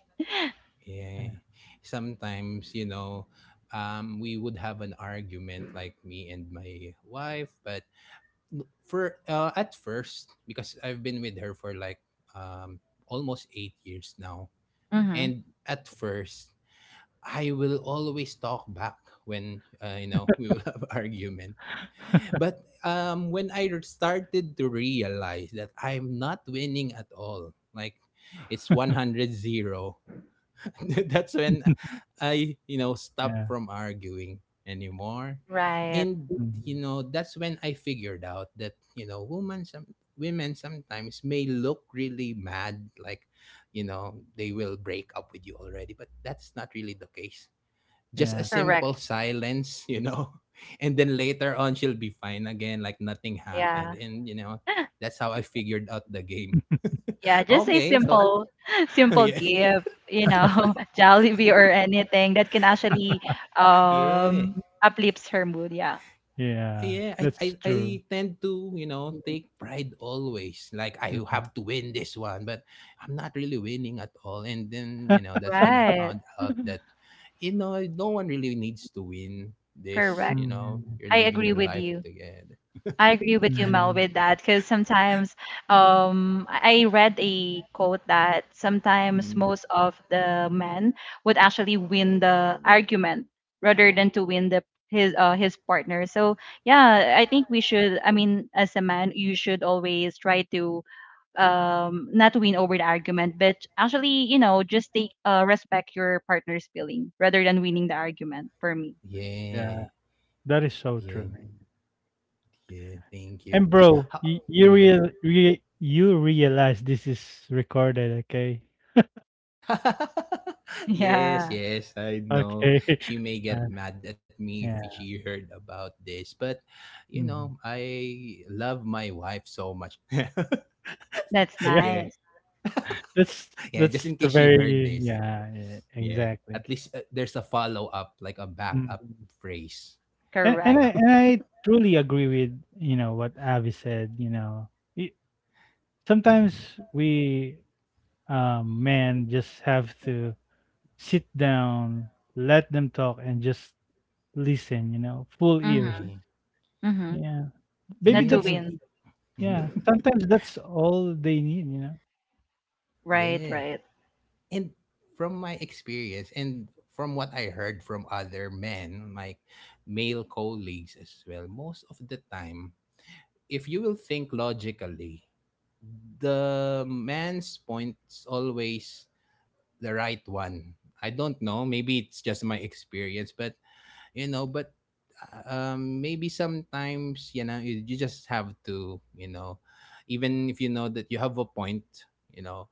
S1: Yeah. Sometimes, you know, we would have an argument like me and my wife, but for at first, because I've been with her for like um almost 8 years now.
S3: Hmm.
S1: And at first, I will always talk back when, you know, we will have argument. But when I started to realize that I'm not winning at all, like it's 100-0. That's when I, you know, stopped
S2: Yeah.
S1: from arguing anymore.
S3: Right.
S1: And, you
S2: Mhm,
S1: know, that's when I figured out that, you know, women, women sometimes may look really mad, like, you know, they will break up with you already, but that's not really the case. Just a
S2: yeah.
S3: Correct.
S1: simple silence, you know, and then later on she'll be fine again, like nothing happened.
S3: Yeah.
S1: And, you know, that's how I figured out the game.
S3: Yeah. Just a
S1: Okay, so
S3: simple simple
S1: yeah.
S3: gift, you know, Jollibee or anything that can actually
S1: Yeah.
S3: uplifts her mood. Yeah.
S2: Yeah.
S1: Yeah, I, I
S2: That's
S1: I
S2: true.
S1: tend to, you know, take pride always. Like I
S2: Mhm.
S1: have to win this one, but I'm not really winning at all. And then, you know, that's when I
S3: Right.
S1: found out that, you know, no one really needs to win this, you
S3: Correct.
S1: know.
S2: Mhm.
S1: You're
S3: I
S1: living your
S3: agree with
S1: life
S3: you.
S1: together.
S3: I agree with you, Mel,
S2: Mm,
S3: with that, because sometimes I read a quote that sometimes
S1: Mm.
S3: most of the men would actually win the argument rather than to win the his partner. So yeah, I think we should. I mean, as a man, you should always try to not win over the argument, but actually, you know, just take respect your partner's feeling rather than winning the argument. For me,
S2: yeah,
S1: Yeah.
S2: that is so true.
S1: Yeah, yeah, thank
S2: And
S1: you.
S2: bro,
S1: How, mm.
S2: you realize this is recorded, okay?
S1: Yes,
S3: yeah,
S1: yes, I know.
S2: Okay.
S1: She may
S2: Uh,
S1: get mad at me if
S2: yeah.
S1: she heard about this, but you know,
S2: Mhm.
S1: I love my wife so much.
S3: that's
S2: Yeah,
S1: Yeah,
S3: nice.
S2: that's
S1: yeah, just
S2: that's
S1: in
S2: the
S1: case she heard
S2: very
S1: this.
S2: yeah, yeah
S1: Yeah,
S2: exactly.
S1: at least there's a follow up, like a backup
S2: Mhm.
S1: phrase,
S2: And
S1: you
S2: and
S3: Correct.
S2: I
S1: know?
S2: and I truly agree with, you know, what Avi said, you know. Y-
S1: Mhm.
S2: Sometimes we men just have to sit down, let them talk and just listen, you know, full ears.
S3: Mm-hmm.
S1: Yeah,
S3: Mm-hmm.
S2: Yeah. Maybe
S3: Not to
S1: yeah,
S2: that's
S1: and
S3: win.
S2: yeah,
S1: mhm.
S2: sometimes that's all they need, you know.
S3: Right,
S1: Yeah.
S3: right.
S1: And from my experience and from what I heard from other men, like male colleagues as well, most of the time, if you will think logically, the man's point's always the right one. I don't know. Maybe it's just my experience, but you know, but maybe sometimes, you know, you just have to, you know, even if you know that you have a point, you know,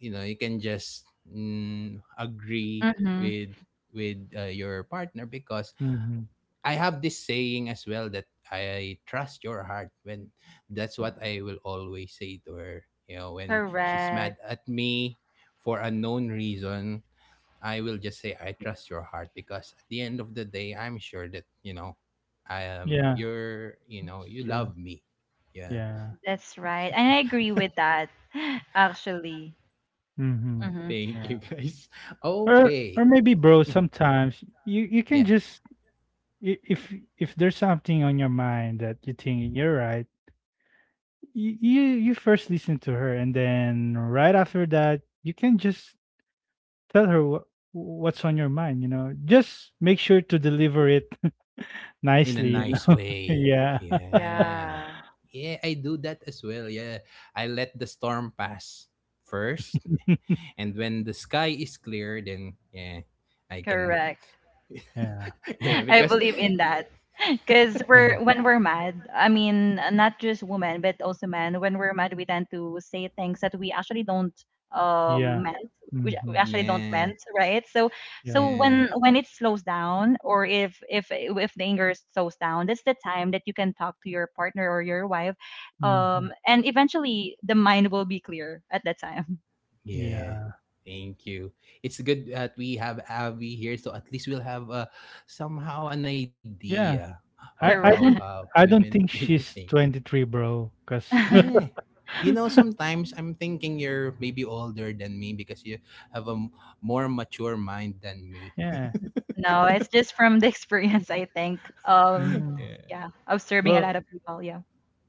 S1: you know you can just mm, agree
S3: Mm-hmm.
S1: with with your partner, because
S2: Mhm.
S1: I have this saying as well that I trust your heart. When, that's what I will always say to her, you know, when she's mad
S3: Correct.
S1: at me for a known reason, I will just say I trust your heart, because at the end of the day, I'm sure that, you know, I am
S2: Yeah,
S1: you're, you know,
S2: it's
S1: you
S2: true.
S1: love me. Yeah.
S2: Yeah.
S3: That's right. And I agree with that, actually.
S2: Mhm.
S3: Mm-hmm.
S1: Thank
S2: Yeah.
S1: you, guys. Okay.
S2: Or maybe bro, sometimes you you can
S1: Yeah.
S2: just if there's something on your mind that you think you're right, you first listen to her and then right after that, you can just tell her what what's on your mind, you know. Just make sure to deliver it
S1: In a
S2: nicely, you
S1: nice
S2: know.
S1: way.
S2: Yeah.
S1: Yeah.
S3: Yeah,
S1: Yeah, I do that as well. Yeah. I let the storm pass first, and when the sky is clear, then yeah, I can
S3: correct.
S2: Yeah.
S1: Yeah,
S3: I
S1: because
S3: believe in that. Because we're,
S2: Yeah,
S3: when we're mad, I mean, not just women, but also men. When we're mad, we tend to say things that we actually don't
S2: yeah.
S3: meant. We
S2: Mhm,
S3: actually don't
S1: yeah,
S3: meant, right? So,
S2: yeah,
S3: so
S1: yeah,
S3: when it slows down, or if the anger slows down, that's the time that you can talk to your partner or your wife,
S2: mhm,
S3: and eventually the mind will be clear at that time.
S1: yeah.
S2: yeah,
S1: Thank you. It's good that we have Avi here, so at least we'll have somehow an idea
S2: yeah.
S1: of
S2: I
S1: how
S2: I don't
S3: Correct.
S2: I
S1: women
S2: don't think
S1: really think.
S2: she's 23, bro. Cause
S1: Yeah. You know, sometimes I'm thinking you're maybe older than me because you have a more mature mind than me.
S2: yeah.
S3: No, it's just from the experience, I think.
S2: Mm.
S1: Yeah.
S3: Yeah, observing a lot
S2: Well,
S3: of people. Yeah.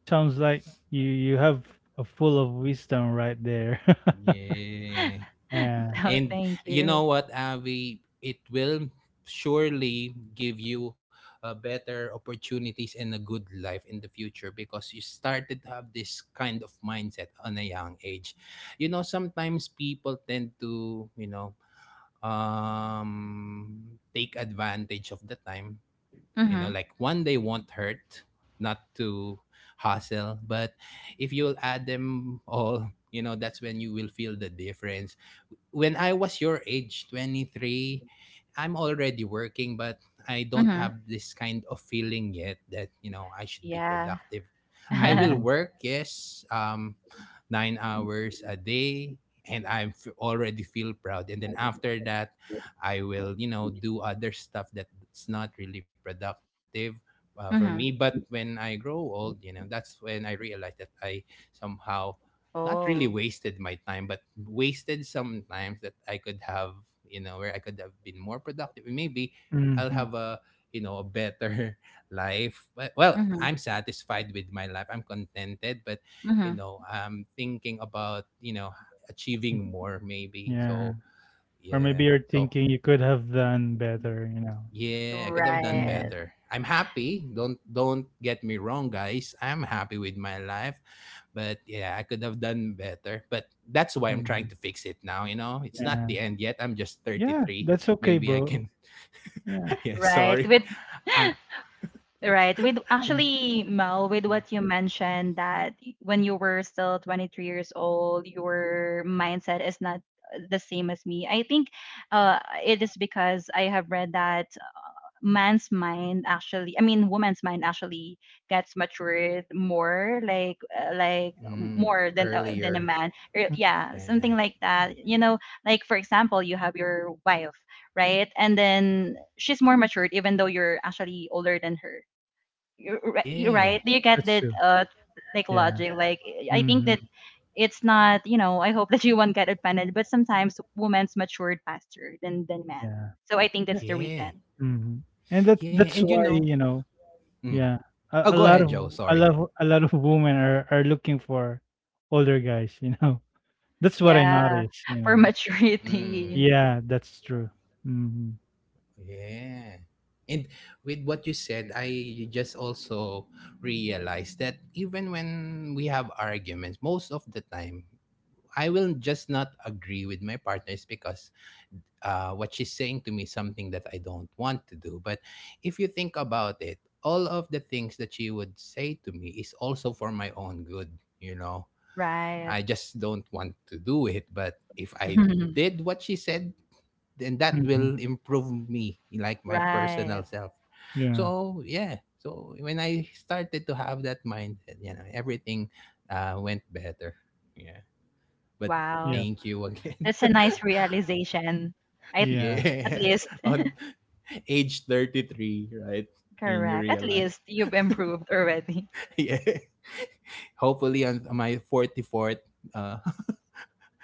S2: sounds like you have a full of wisdom right there.
S1: Yeah.
S2: Yeah.
S3: So,
S1: And
S3: thank
S1: you know
S3: you.
S1: what, Avi? It will surely give you better opportunities and a good life in the future because you started to have this kind of mindset on a young age. You know, sometimes people tend to, you know, take advantage of the time, you know,
S3: Mhm.
S1: like one day won't hurt not to hustle. But if you'll add them all, you know, that's when you will feel the difference. When I was your age, 23, I'm already working, but I don't
S3: Mhm.
S1: have this kind of feeling yet that, you know, I should be
S3: Yeah.
S1: productive. I will
S2: Mhm,
S1: work, yes, 9 hours a day, and I'm already feel proud. And then after that, I will, you know, do other stuff that it's not really productive for me.
S3: Mhm.
S1: But when I grow old, you know, that's when I realized that I somehow not really
S3: Oh.
S1: wasted my time, but wasted some times that I could have, you know, where I could have been more productive. Maybe I'll
S2: mhm,
S1: have a, you know, a better life. But, well,
S3: Mhm.
S1: I'm satisfied with my life, I'm contented, but you
S3: Mhm.
S1: know, I'm thinking about, you know,
S2: mm,
S1: achieving more maybe.
S2: yeah.
S1: So
S2: Or maybe
S1: yeah,
S2: you're
S1: so
S2: thinking you could have done better, you know.
S1: yeah, I could have done
S2: Mm,
S3: Right.
S1: better. I'm happy. Don't get me wrong, guys. I'm happy with my life, but yeah, I could have done better. But that's why I'm trying
S2: mhm,
S1: to fix it now, you know. It's not
S2: yeah.
S1: the end yet. I'm just
S2: Yeah,
S1: 33.
S2: that's okay,
S1: Maybe I
S2: bro.
S1: can
S2: Yeah.
S1: Yeah,
S3: Right.
S1: sorry.
S3: With
S1: I,
S3: right. With
S1: I'm
S3: actually, Mel, with what you mentioned that when you were still 23 years old, your mindset is not the same as me. I think uh it is because I have read that man's mind actually, I mean woman's mind actually gets matured more like
S1: mm,
S3: more than a
S1: earlier.
S3: man. Or,
S2: Mm,
S3: yeah, something
S1: Yeah.
S3: like that, you know, like for example you have your wife, right, and then she's more matured even though you're actually older than her. You're
S1: Yeah.
S3: right, do you get
S2: that's
S3: that
S2: true.
S3: uh, like
S2: Yeah.
S3: logic, like, I think
S2: Mhm,
S3: that it's not, you know, I hope that you won't get offended, but sometimes women's matured faster than men,
S2: yeah.
S3: so I think that's the
S1: Yeah.
S3: reason.
S2: Mhm, and that
S1: Yeah,
S2: that's
S1: and you
S2: why,
S1: know.
S2: you know
S1: Mm.
S2: yeah,
S1: Oh, go
S2: a a
S1: ahead,
S2: lot of
S1: Joe. Sorry.
S2: a lot of women are looking for older guys, you know? That's what I
S3: Yeah,
S2: noticed, you
S3: for
S2: know?
S1: Mm.
S3: maturity.
S2: Yeah, that's true. Mhm,
S1: Yeah. And with what you said, I just also realized that even when we have arguments, most of the time, I will just not agree with my partners because what she's saying to me is something that I don't want to do. But if you think about it, all of the things that she would say to me is also for my own good, you know.
S3: Right.
S1: I just don't want to do it. But if I did what she said, and that
S2: mhm,
S1: will improve me like my personal
S3: Right.
S1: self.
S2: yeah,
S1: So yeah, so when I started to have that mindset, you know, everything went better. Yeah. But
S3: Wow.
S2: yep,
S1: thank you again.
S3: That's a nice realization. I
S2: yeah.
S3: at
S1: Yeah.
S3: least
S1: On age 33, right, and you
S3: correct. At
S1: realize
S3: least you've improved already.
S1: yeah, hopefully on my 44th uh,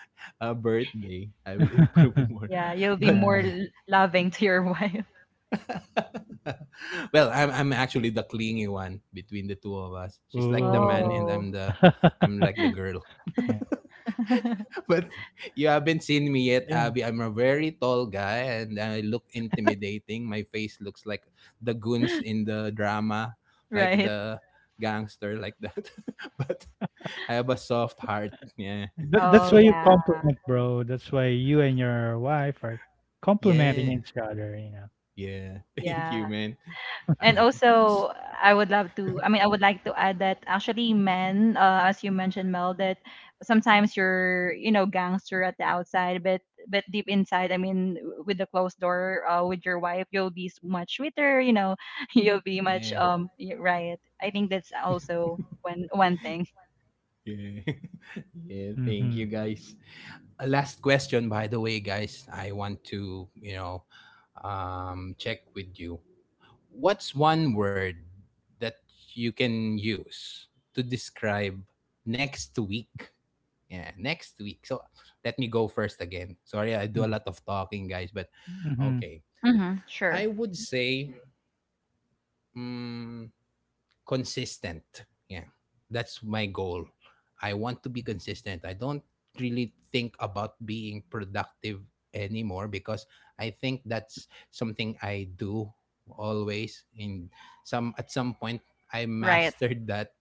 S1: birthday I will improve more.
S3: Yeah, you'll be
S1: But
S2: Yeah,
S3: more l- loving to your wife.
S1: well, I'm actually the clingy one between the two of us. She's like the man
S2: ooh.
S1: and
S3: Oh.
S1: I'm the I'm like the girl.
S2: Yeah,
S1: But you haven't seen me yet,
S2: yeah,
S1: Abby. I'm a very tall guy and I look intimidating. My face looks like the goons in the drama, like
S3: Right.
S1: the gangster like that. But I have a soft heart. Yeah.
S2: that that's
S3: Oh
S2: why
S1: So
S2: you
S3: yeah.
S2: compliment, bro, that's why you and your wife are complimenting
S1: yeah.
S2: each other, you know?
S1: Yeah. Thank you,
S3: Yeah.
S1: man.
S3: And
S1: Um
S3: also, I mean, I would like to add that actually men, as you mentioned, Mel, that sometimes you're, you know, gangster at the outside, but deep inside, I mean, w- with the closed door, with your wife, you'll be s- much sweeter, you know, you'll be much,
S1: yeah.
S3: y- right. I think that's also one one thing.
S1: Yeah. Yeah, thank you
S2: Mhm,
S1: guys. A last question, by the way, guys. I want to, you know, check with you. What's one word that you can use to describe next week? Yeah, next week. So let me go first again. Sorry, I do a
S2: mm,
S1: lot of talking, guys, but
S2: mhm,
S1: okay.
S3: Mm-hmm,
S1: I
S3: sure.
S1: would say, mm, consistent. Yeah. That's my goal. I want to be consistent. I don't really think about being productive anymore because I think that's something I do always in some at some point I
S3: Right.
S1: mastered that.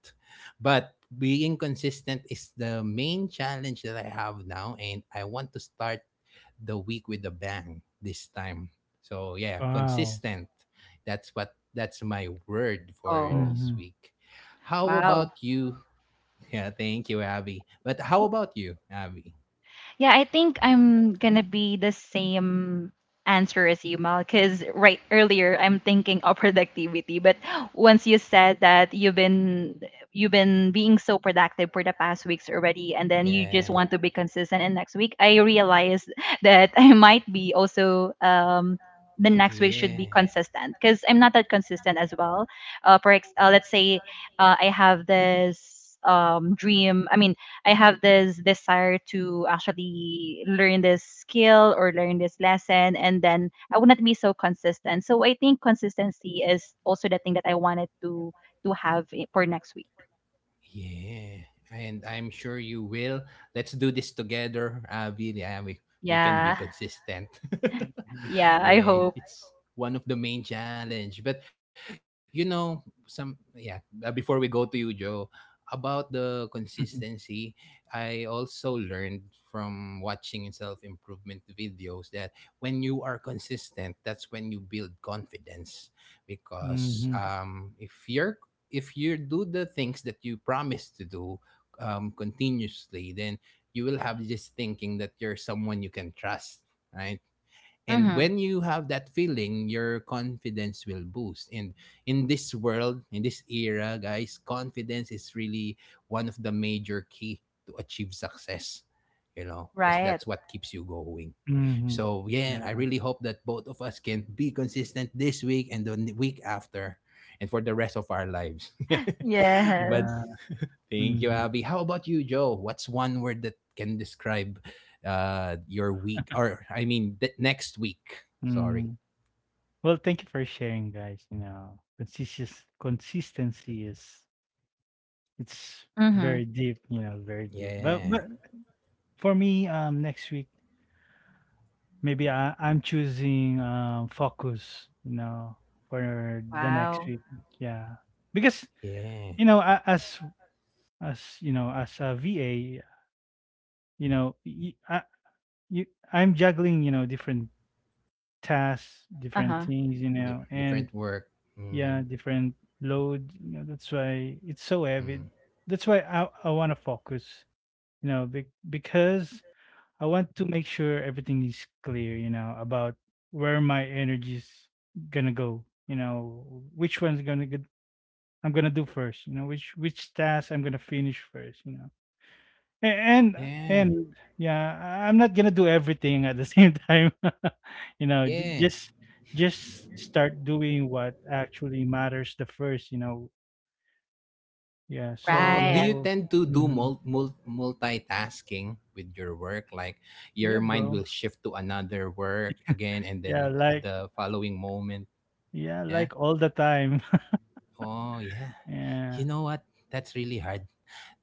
S1: But being consistent is the main challenge that I have now, and I want to start the week with a bang this time. So yeah,
S2: wow,
S1: consistent. That's my word for
S3: Oh,
S1: this
S2: mhm,
S1: week. How
S3: wow.
S1: about you? Yeah, thank you, Abby. But how about you, Abby?
S3: Yeah, I think I'm gonna be the same answer as you, Mal, because right earlier I'm thinking of productivity, but once you said that you've been being so productive for the past weeks already, and then you just
S1: Yeah.
S3: want to be consistent in next week, I realized that I might be also the next week should
S1: Yeah.
S3: be consistent because I'm not that consistent as well. Let's say I have this dream. I mean, I have this desire to actually learn this skill or learn this lesson, and then I would not be so consistent. So I think consistency is also the thing that I wanted to have I- for next week.
S1: Yeah. And I'm sure you will. Let's do this together, Abby. We can be
S3: Yeah,
S1: consistent.
S2: mhm.
S3: yeah. I
S1: Yeah,
S3: hope.
S1: it's one of the main challenge. But you know, some yeah. Before we go to you, Joe, about the
S2: Mhm.
S1: consistency, I also learned from watching self improvement videos that when you are consistent, that's when you build confidence. Because
S2: Mhm.
S1: If you're if you do the things that you promise to do continuously, then you will have this thinking that you're someone you can trust, right? And
S3: Hmm.
S1: when you have that feeling, your confidence will boost. And in this world, in this era, guys, confidence is really one of the major key to achieve success, you know, because
S3: Right.
S1: that's what keeps you going.
S2: Mhm.
S1: So yeah, I
S2: Yeah,
S1: really hope that both of us can be consistent this week and the week after, and for the rest of our lives. But
S2: yeah.
S3: Yes.
S1: thank you,
S2: Mhm.
S1: Abby. How about you, Joe? What's one word that can describe your week? Or I mean the next week. Sorry.
S2: Mm. Well, thank you for sharing, guys. You know, consistent consistency is it's
S3: Mm-hmm.
S2: very deep. You know, very deep.
S1: Yeah.
S2: But for me, next week maybe I'm choosing focus. You know, for the next
S3: Wow.
S2: week. Yeah, because
S1: Yeah.
S2: you know, as you know, as a VA, you know, you I'm juggling. You know, different tasks,
S3: Uh
S2: different
S3: huh.
S2: things, you know, and
S1: Different work.
S2: yeah,
S1: Mm,
S2: different load. You know, that's why it's so heavy.
S1: mm.
S2: That's why I want to focus, you know, because I want to make sure everything is clear, you know, about where my energy is gonna go, you know, which one's gonna get I'm gonna do first, you know, which task I'm gonna finish first, you know a
S1: Yeah.
S2: and yeah, I'm not gonna do everything at the same time. You know, ju
S1: Yeah.
S2: just start doing what actually matters the first, you know? Yeah,
S1: Oh, do
S3: Right.
S1: you
S2: so
S1: tend to do
S2: mhm.
S1: multitasking with your work? Like your
S2: Yeah,
S1: mind
S2: bro.
S1: will shift to another work again and
S2: Yeah,
S1: then
S2: like
S1: the following moment.
S2: yeah,
S1: Yeah.
S2: like all the time.
S1: Oh, yeah. You
S2: Yeah.
S1: know what? That's really hard.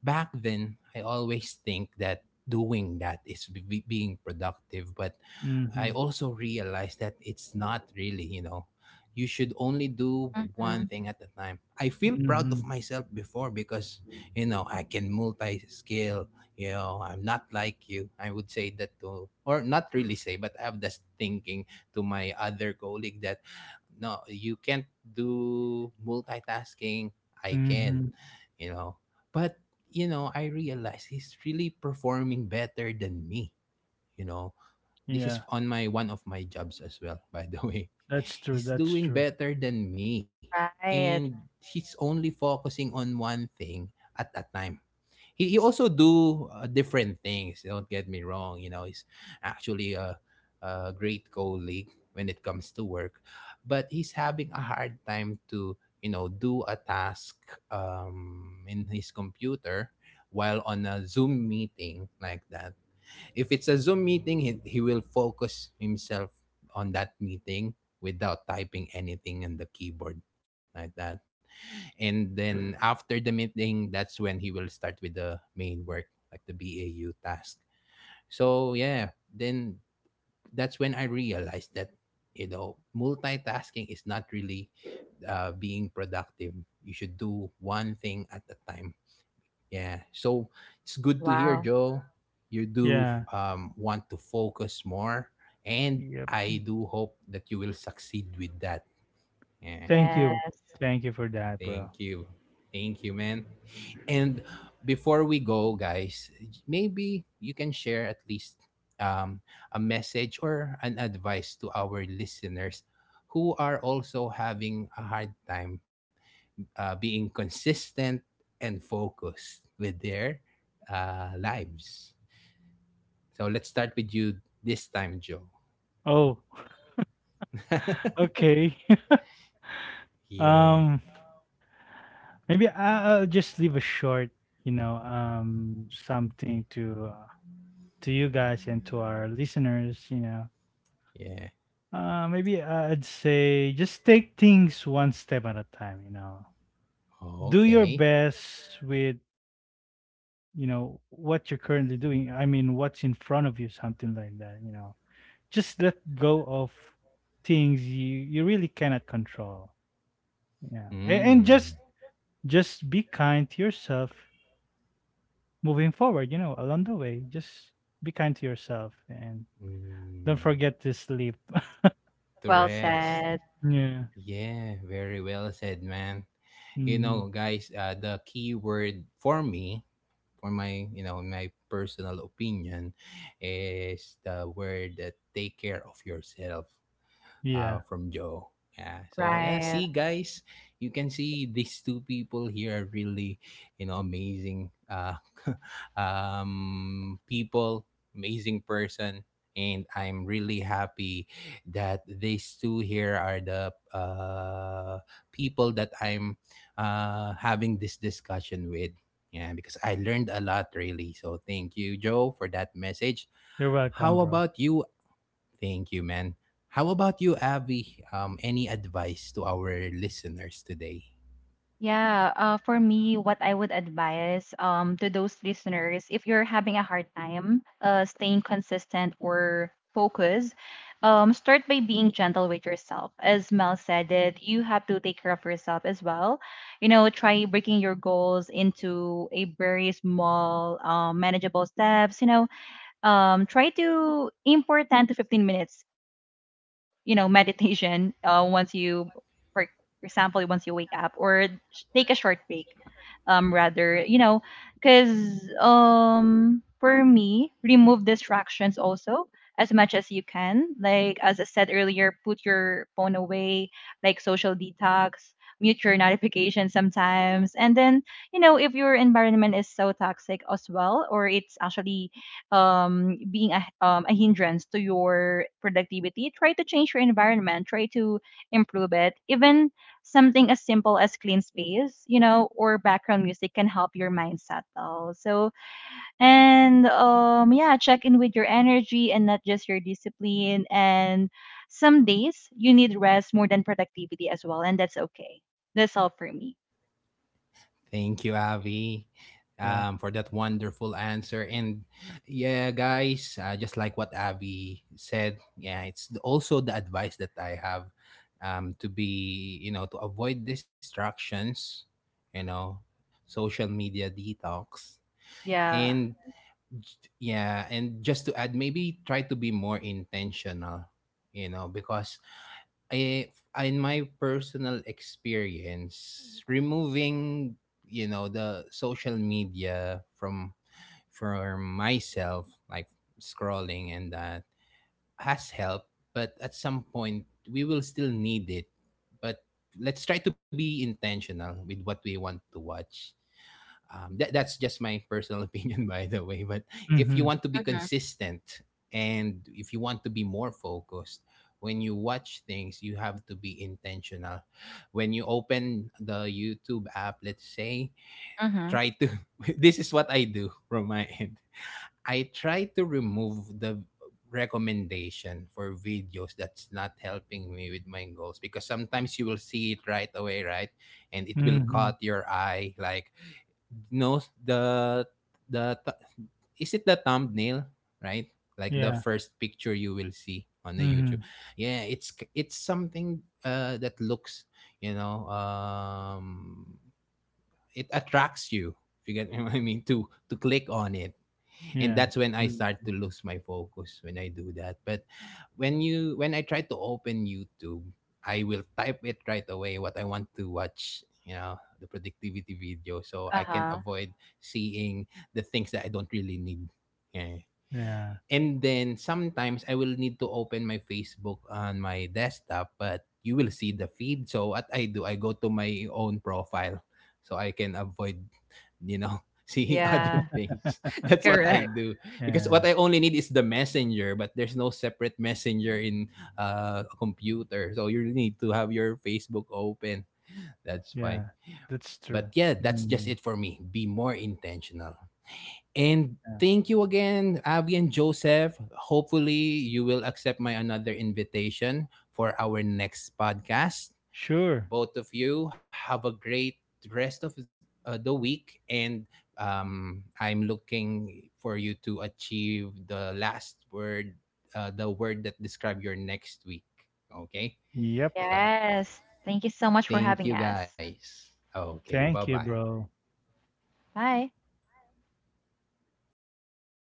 S1: Back then, I always think that doing that is being productive, but I
S2: Mhm.
S1: also realized that it's not really, you know, you should only do one
S3: Mm-hmm.
S1: thing at a time. I feel proud of
S2: Mhm.
S1: myself before because, you know, I can multi skill. You know, I'm not like you. I would say that to, or not really say, but I have this thinking to my other colleague that, no, you can't do multitasking. I can,
S2: Mhm.
S1: you know. But, you know, I realize he's really performing better than me, you know, this
S2: Yeah.
S1: is on my one of my jobs as well, by the way. He's
S2: That's
S1: doing
S2: true.
S1: better than me, and
S3: Right.
S1: he's only focusing on one thing at that time. He also do different things, don't get me wrong, you know. He's actually a great colleague when it comes to work, but he's having a hard time to, you know, do a task in his computer while on a zoom meeting, like that. If it's a Zoom meeting, he will focus himself on that meeting without typing anything on the keyboard, like that. And then after the meeting, that's when he will start with the main work, like the BAU task. So, yeah, then that's when I realized that, you know, multitasking is not really being productive. You should do one thing at a time, yeah. So it's good to hear,
S3: Wow.
S1: Joe. You do
S2: Yeah.
S1: want to focus more. And
S2: Yep.
S1: I do hope that you will succeed with that. Yeah.
S2: Thank you.
S3: Yes.
S2: Thank you for that,
S1: Thank
S2: bro.
S1: you. Thank you, man. And before we go, guys, maybe you can share at least um, a message or an advice to our listeners who are also having a hard time being consistent and focused with their lives. So let's start with you this time, Joe.
S2: Oh, okay.
S1: Yeah,
S2: Um, maybe I'll just leave a short, you know, something to you guys and to our listeners. You know,
S1: yeah.
S2: maybe I'd say just take things one step at a time. You know,
S1: Oh,
S2: do your
S1: okay.
S2: best with you know what you're currently doing. I mean, what's in front of you, something like that. You know, just let go of things you you really cannot control. Yeah, and just
S1: Mm.
S2: be kind to yourself moving forward, you know, along the way, just be kind to yourself and don't
S1: Mm.
S2: forget to sleep.
S1: To
S3: Well
S1: rest.
S3: said.
S2: Yeah.
S1: Yeah, very well said, man. You know,
S2: Hmm.
S1: guys, the key word for me, for my, you know, my personal opinion, is the word that take care of yourself,
S2: Yeah.
S1: from Joe. Yeah. So yeah,
S3: Right.
S1: see guys, you can see these two people here are really, you know, amazing people, amazing person, and I'm really happy that these two here are the people that I'm having this discussion with. Yeah, because I learned a lot really. So thank you, Joe, for that message.
S2: You're welcome,
S1: How
S2: bro.
S1: about you, thank you, man. How about you, Avi? Any advice to our listeners today?
S3: Yeah, for me, what I would advise to those listeners, if you're having a hard time staying consistent or focused, start by being gentle with yourself. As Mel said, that you have to take care of yourself as well. You know, try breaking your goals into a very small, manageable steps. You know, try to aim for 10 to 15 minutes, you know, meditation once you, for example, once you wake up, or sh- take a short break, rather, you know, because for me, remove distractions also as much as you can. Like, as I said earlier, put your phone away, like social detox. Mute your notifications sometimes, and then you know if your environment is so toxic as well, or it's actually being a hindrance to your productivity, try to change your environment, try to improve it. Even something as simple as clean space, you know, or background music can help your mind settle. So and yeah, check in with your energy and not just your discipline. And some days you need rest more than productivity as well, and that's okay. That's all for me.
S1: Thank you, Avi,
S2: Yeah.
S1: for that wonderful answer. And yeah, guys, just like what Avi said, yeah, it's also the advice that I have, to be, you know, to avoid distractions, you know, social media detox.
S3: Yeah.
S1: And yeah, and just to add, maybe try to be more intentional, you know, because I, in my personal experience, removing, you know, the social media from for myself, like scrolling and that, has helped. But at some point, we will still need it. But let's try to be intentional with what we want to watch. That that's just my personal opinion, by the way. But if you
S2: Mm-hmm.
S1: want to be
S3: Mm-hmm.
S1: consistent and if you want to be more focused, when you watch things, you have to be intentional. When you open the YouTube app, let's say,
S3: Mm-hmm.
S1: try to. This is what I do from my end. I try to remove the recommendation for videos that's not helping me with my goals, because sometimes you will see it right away, right? And it will
S2: Mm-hmm.
S1: caught your eye like, knows the the th- is it the thumbnail, right? Like the
S2: Yeah.
S1: first picture you will see on the YouTube.
S2: Mm-hmm.
S1: Yeah, it's it's something that looks, you know, it attracts you. If you get what I mean, to click on it. And
S2: Yeah.
S1: that's when I
S2: Mm.
S1: start to lose my focus when I do that. But when you when I try to open YouTube, I will type it right away what I want to watch, you know, the productivity video, so I can
S3: Uh-huh.
S1: avoid seeing the things that I don't really need. Yeah.
S2: Yeah.
S1: And then sometimes I will need to open my Facebook on my desktop, but you will see the feed. So what I do, I go to my own profile so I can avoid, you know, seeing other
S3: Yeah,
S1: things. That's what I
S3: correct.
S1: do, because
S2: Yeah.
S1: what I only need is the messenger, but there's no separate messenger in a computer. So you need to have your Facebook open. That's fine.
S2: Yeah. That's
S1: But
S2: true.
S1: yeah, that's just
S2: Mm.
S1: it for me. Be more intentional. And
S2: Yeah.
S1: thank you again, Abby and Joseph. Hopefully, you will accept my another invitation for our next podcast,
S2: Sure.
S1: both of you. Have a great rest of the week. And I'm looking for you to achieve the last word, the word that describe your next week. Okay?
S2: Yep.
S1: So,
S3: Yes. Thank you so much for
S1: thank
S3: having
S1: you
S3: us.
S1: guys. Okay, bye
S2: Thank
S1: bye.
S2: you, bro.
S3: Bye.